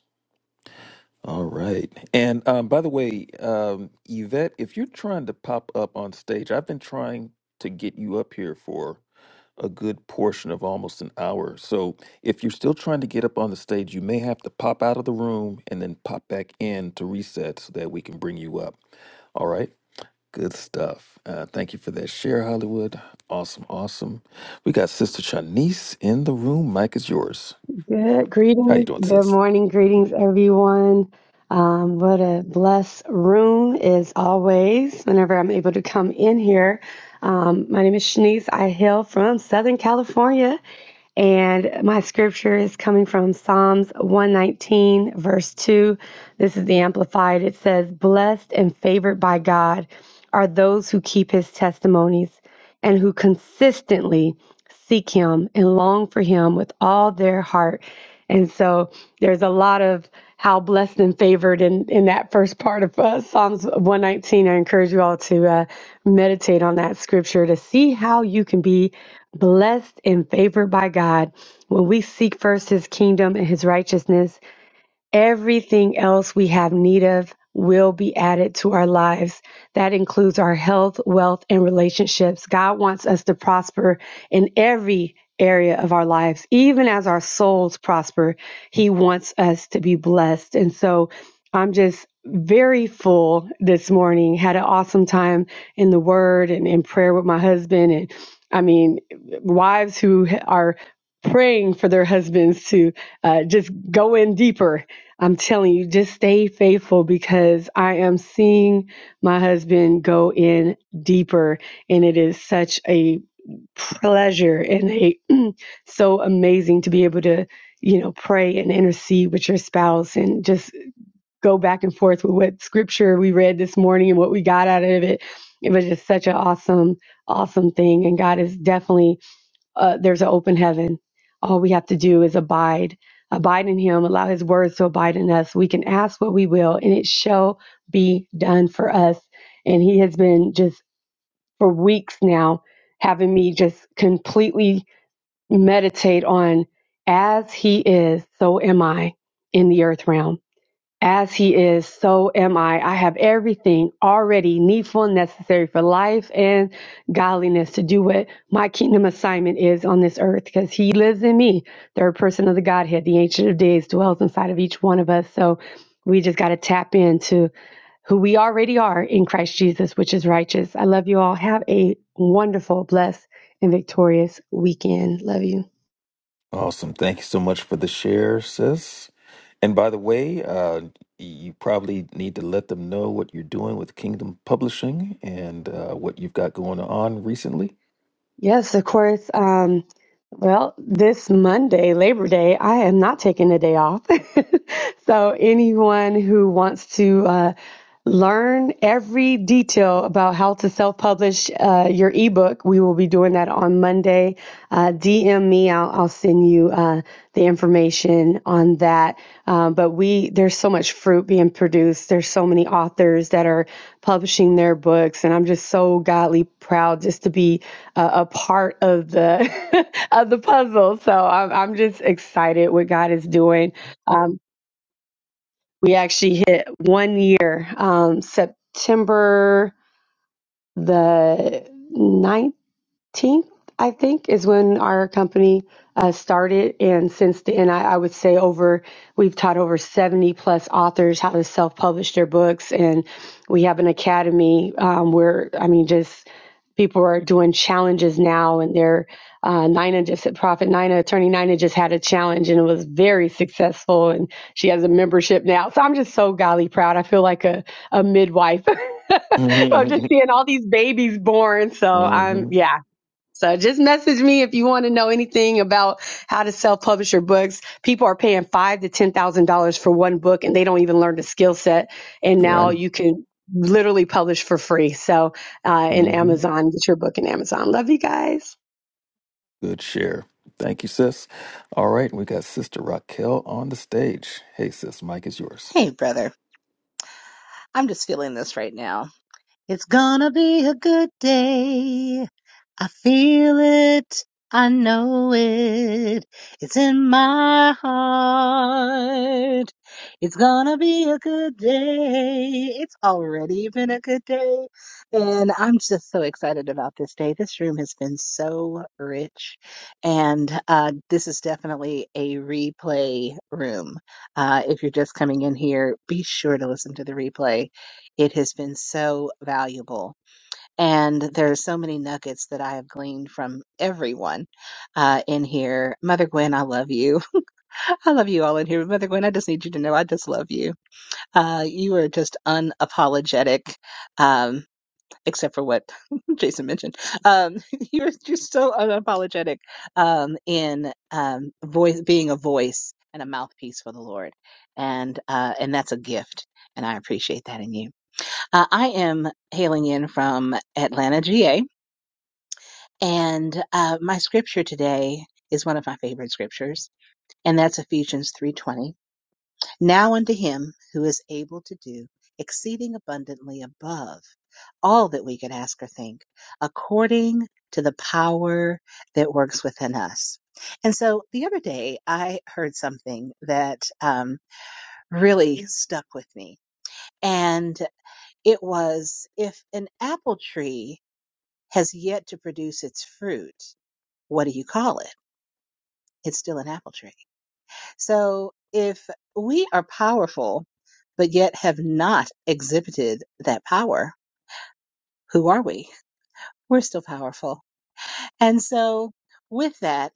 All right, and um, by the way, um, Yvette, if you're trying to pop up on stage, I've been trying to get you up here for a good portion of almost an hour. So if you're still trying to get up on the stage, you may have to pop out of the room and then pop back in to reset so that we can bring you up. All right. Good stuff. Uh, thank you for that share, Hollywood. Awesome, awesome. We got Sister Shanice in the room. Mike is yours.
Good
How you
greetings.
doing,
Good
sis?
morning. Greetings, everyone. Um, what a blessed room is always whenever I'm able to come in here. Um, my name is Shanice. I hail from Southern California. And my scripture is coming from Psalms 119, verse 2. This is the Amplified. It says, Blessed and favored by God are those who keep his testimonies and who consistently seek him and long for him with all their heart. And so there's a lot of how blessed and favored in, in that first part of uh, Psalms 119. I encourage you all to uh, meditate on that scripture to see how you can be blessed and favored by God when we seek first his kingdom and his righteousness Everything else we have need of will be added to our lives. That includes our health, wealth, and relationships. God wants us to prosper in every area of our lives. Even as our souls prosper, He wants us to be blessed. And so I'm just very full this morning. Had an awesome time in the Word and in prayer with my husband. And I mean, wives who are praying for their husbands to uh, just go in deeper I'm telling you, just stay faithful because I am seeing my husband go in deeper, and it is such a pleasure and a so amazing to be able to, you know, pray and intercede with your spouse and just go back and forth with what scripture we read this morning and what we got out of it. It was just such an awesome, awesome thing, and God is definitely uh, there's an open heaven. All we have to do is abide, abide in Him, allow His words to abide in us. We can ask what we will, and it shall be done for us. And He has been just for weeks now having me just completely meditate on as He is, so am I in the earth realm as he is, so am I. I have everything already needful and necessary for life and godliness to do what my kingdom assignment is on this earth because he lives in me. Third person of the Godhead, the Ancient of Days, dwells inside of each one of us. So we just got to tap into who we already are in Christ Jesus, which is righteous. I love you all. Have a wonderful, blessed, and victorious weekend. Love you.
Awesome. Thank you so much for the share, sis. And by the way, uh, you probably need to let them know what you're doing with Kingdom Publishing and uh, what you've got going on recently.
Yes, of course. Um, well, this Monday, Labor Day, I am not taking a day off. So, anyone who wants to uh, learn every detail about how to self publish uh, your ebook, we will be doing that on Monday. Uh, DM me, I'll, I'll send you uh, the information on that. Um, but we, there's so much fruit being produced, there's so many authors that are publishing their books, and I'm just so godly proud just to be a, a part of the of the puzzle. So I'm I'm just excited what God is doing. Um, we actually hit one year, um, September the 9th 18th, I think, is when our company uh, started. And since then, I, I would say over, we've taught over 70 plus authors how to self publish their books. And we have an academy um, where, I mean, just people are doing challenges now. And they're, uh, Nina just at Profit Nina, attorney Nina just had a challenge and it was very successful. And she has a membership now. So I'm just so golly proud. I feel like a, a midwife. I'm
hmm
just seeing all these babies born. So I'm,
hmm
yeah, so just message me if you want to know anything about how to self-publish your books. People are paying five to ten thousand dollars for one book, and they don't even learn the skill set. And
Right.
now you can literally publish for free. So uh, in
hmm
Amazon, get your book in Amazon. Love you guys.
Good share. Thank you, sis. All right, we got Sister Raquel on the stage. Hey, sis, Mike is yours.
Hey, brother. I'm just feeling this right now. It's gonna be a good day. I feel it. I know it. It's in my heart. It's gonna be a good day. It's already been a good day. And I'm just so excited about this day. This room has been so rich. And uh, this is definitely a replay room. Uh, if you're just coming in here, be sure to listen to the replay. It has been so valuable. And there are so many nuggets that I have gleaned from everyone uh, in here. Mother Gwen, I love you. I love you all in here. Mother Gwen, I just need you to know I just love you. Uh, you are just unapologetic, um, except for what Jason mentioned. Um, you're just so unapologetic um, in um, voice, being a voice and a mouthpiece for the Lord, and uh, and that's a gift, and I appreciate that in you. Uh, I am hailing in from Atlanta, GA and uh, my scripture today is one of my favorite scriptures, and that's Ephesians 3:20. Now unto him who is able to do exceeding abundantly above all that we could ask or think, according to the power that works within us. And so the other day I heard something that um, really stuck with me. And it was if an apple tree has yet to produce its fruit, what do you call it? it's still an apple tree. So if we are powerful, but yet have not exhibited that power, who are we? We're still powerful. And so with that,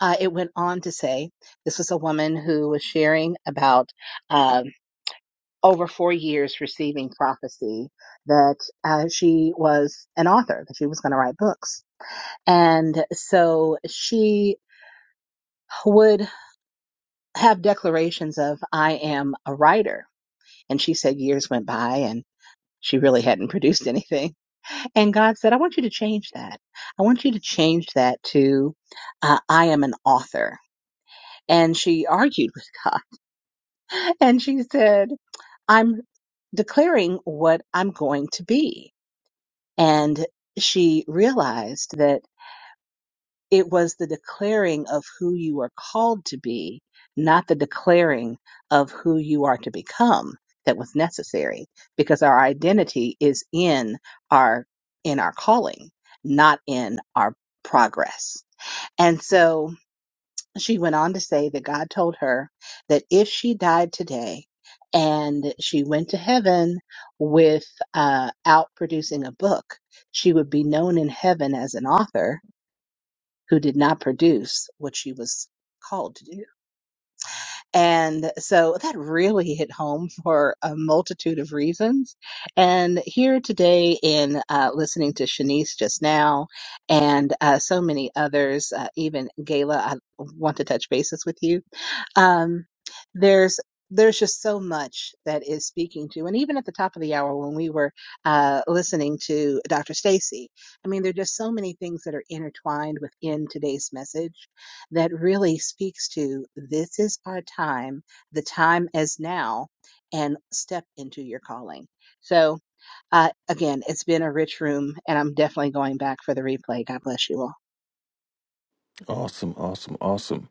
uh, it went on to say this was a woman who was sharing about um, over four years receiving prophecy that uh, she was an author, that she was going to write books. And so she would have declarations of, I am a writer And she said years went by and she really hadn't produced anything. And God said, I want you to change that. I want you to change that to, uh, I am an author. And she argued with God and she said, I'm declaring what I'm going to be. And she realized that It was the declaring of who you are called to be, not the declaring of who you are to become that was necessary because our identity is in our in our calling, not in our progress. And so she went on to say that God told her that if she died today and she went to heaven without producing a book, she would be known in heaven as an author who did not produce what she was called to do. And so that really hit home for a multitude of reasons. And here today in uh, listening to Shanice just now and uh, so many others, uh, even Gayla, I want to touch bases with you. Um, there's there's just so much that is speaking to, and even at the top of the hour when we were uh, listening to Dr. Stacy, I mean, there are just so many things that are intertwined within today's message that really speaks to this is our time, the time as now, and step into your calling. So, uh, again, it's been a rich room, and I'm definitely going back for the replay. God bless you all.
Awesome, awesome, awesome.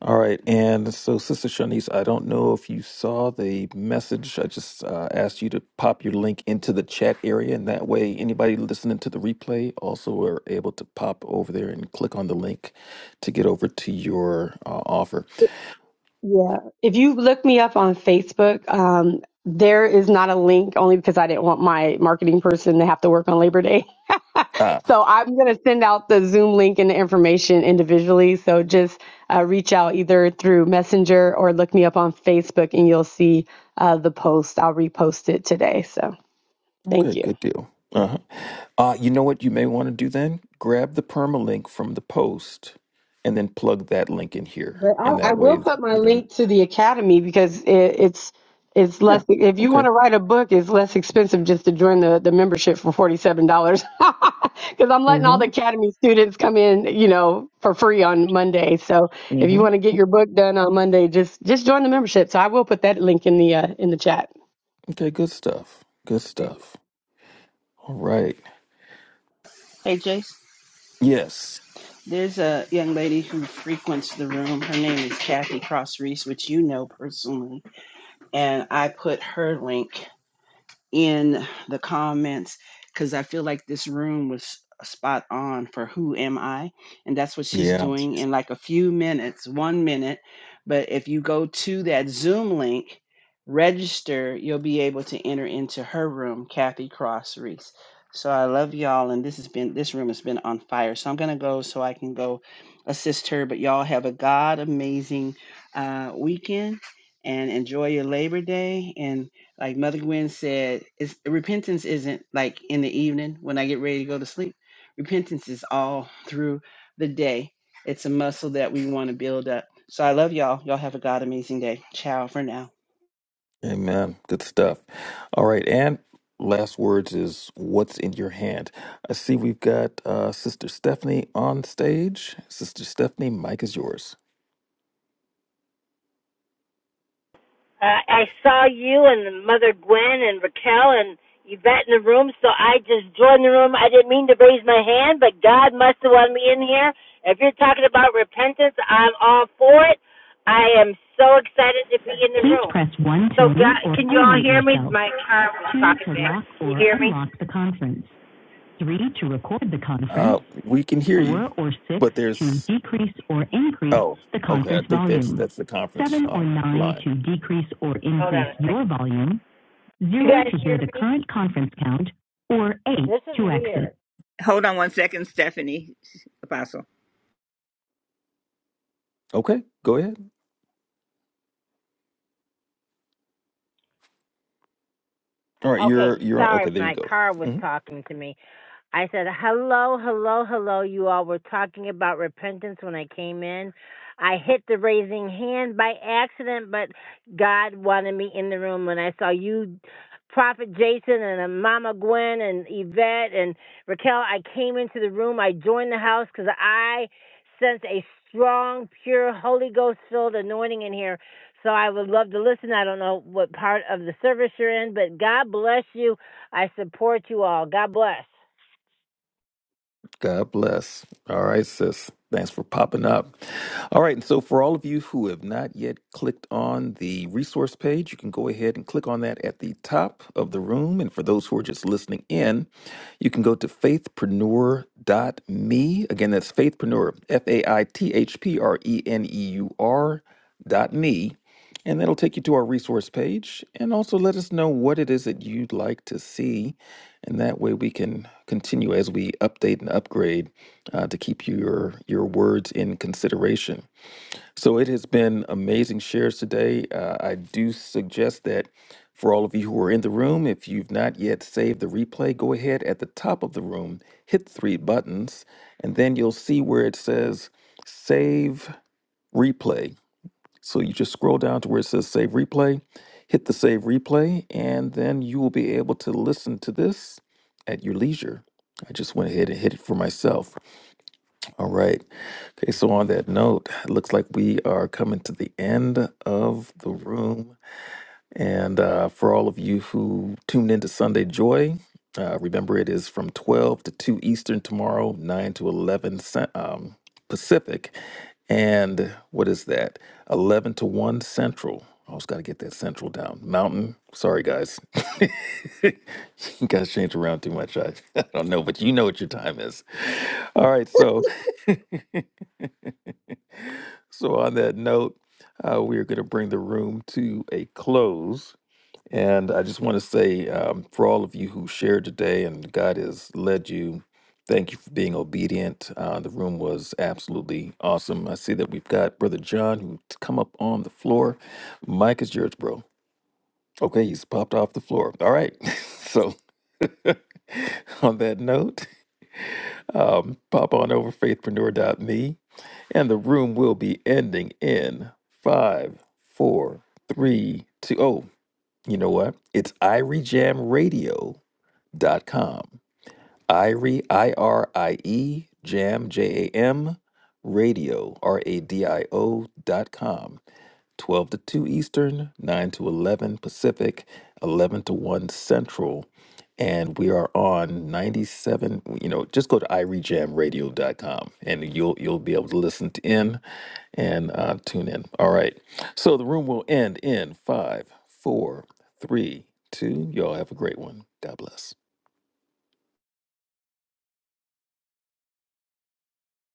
All right, and so Sister Shanice, I don't know if you saw the message. I just uh, asked you to pop your link into the chat area, and that way anybody listening to the replay also are able to pop over there and click on the link to get over to your uh, offer.
Yeah. If you look me up on Facebook, um, there is not a link only because I didn't want my marketing person to have to work on Labor Day.
Ah,
So I'm going to send out the Zoom link and the information individually. So just uh, reach out either through Messenger or look me up on Facebook and you'll see uh, the post. I'll repost it today. So
okay,
thank you.
good deal. Uh-huh. Uh, you know what you may want to do then? Grab the permalink from the post and then plug that link in here,
But I,
and
I
that
will
way,
put my
you know,
link to the academy because it, it's it's
yeah,
less. If you want
okay.
to write a book, it's less expensive just to join the the membership for forty seven dollars. Because I'm letting all the
Mm-hmm.
academy students come in, you know, for free on Monday. So if you
mm-hmm.
want to get your book done on Monday, just just join the membership. So I will put that link in the uh, in the chat.
Okay, good stuff. Good stuff. All right.
Hey, Jace,
Yes.
there's a young lady who frequents the room. Her name is Kathy Cross Reese, which you know personally. And I put her link in the comments because I feel like this room was uh, spot on for who am I? And that's what she's
Yeah.
doing in like a few minutes, one minute. But if you go to that Zoom link, register, you'll be able to enter into her room, Kathy Cross Reese. So I love y'all, and this has been this room has been on fire. So I'm gonna go so I can go assist her. But y'all have a god amazing uh, weekend and enjoy your Labor Day. And like Mother Gwen said, it's, repentance isn't like in the evening when I get ready to go to sleep. Repentance is all through the day. It's a muscle that we want to build up. So I love y'all. Y'all have a God amazing day. Ciao for now.
Amen. Good stuff. All right. And last words is what's in your hand. I see we've got uh, Sister Stephanie on stage. Sister Stephanie, mic is yours.
Uh, I saw you and Mother Gwen and Raquel and Yvette in the room, so I just joined the room. I didn't mean to raise my hand, but God must have wanted me in here. If you're talking about repentance, I'm all for it. I am so excited to be in the
Please
room.
press 1 to
So,
mute
God,
or
can you all
unmute
hear me?
yourself,
My car was
2
talking
to
back.
lock
Can you
or
hear me?
unlock the conference. three to record the
Uh,
conference,
we can hear you,
four or six
but
to
there's
decrease or increase
oh,
the
okay. I
conference
think that's
volume,
that's the conference
seven
uh,
or nine
line.
to decrease or
Hold
increase
on a
your
second.
volume,
You
zero
guys
to hear
hear
the
me?
current conference count, or eight
This is
to exit.
weird.
Hold on one second, Stephanie, Apostle.
Okay, go ahead. All right, you're
Okay,
you're on.
sorry,
Okay, there you
my
go.
car
Mm-hmm.
was talking to me. I said, hello, hello, hello. You all were talking about repentance when I came in. I hit the raising hand by accident, but God wanted me in the room when I saw you, Prophet Jason, and uh, Mama Gwen, and Yvette, and Raquel. I came into the room. I joined the house because I sense a strong, pure, Holy Ghost filled anointing in here. So I would love to listen. I don't know what part of the service you're in, but God bless you. I support you all. God bless.
God bless. All right, sis. Thanks for popping up. All right, and so for all of you who have not yet clicked on the resource page, you can go ahead and click on that at the top of the room. And for those who are just listening in, you can go to faithpreneur dot me Again, that's faithpreneur, F A I T H P R E N E U R dot me and that'll take you to our resource page and also let us know what it is that you'd like to see. And that way we can continue as we update and upgrade uh, to keep your, your words in consideration. So it has been amazing shares today. Uh, I do suggest that for all of you who are in the room, if you've not yet saved the replay, go ahead at the top of the room, hit three buttons, and then you'll see where it says save replay so you just scroll down to where it says save replay, hit the save replay, and then you will be able to listen to this at your leisure. I just went ahead and hit it for myself. All right. Okay, so on that note, it looks like we are coming to the end of the room and uh, for all of you who tuned into Sunday Joy, uh, remember it is from 12 to 2 Eastern tomorrow, 9 to 11 Cen- um, Pacific, and what is that? 11 to 1 Central. I always got to get that Central down. Mountain, sorry guys. you guys change around too much. I, I don't know, but you know what your time is. All right, so so on that note, uh, we are going to bring the room to a close. And I just want to say um, for all of you who shared today and God has led you, thank you for being obedient. Uh, the room was absolutely awesome. I see that we've got Brother John who's come up on the floor. Mike is yours, bro. Okay, he's popped off the floor. All right. so, on that note, um, pop on over faithpreneur.me and the room will be ending in five, four, three, two. Oh, you know what? It's Irie Jam Radio dot com. Irie I R I E Jam J A M Radio R A D I O dot com. Twelve to two Eastern, nine to eleven Pacific, eleven to one Central. And we are on 97, you know, just go to irie jam radio dot com, and you'll you'll be able to listen to in and uh, tune in. All right. So the room will end in five, four, three, two. Y'all have a great one. God bless.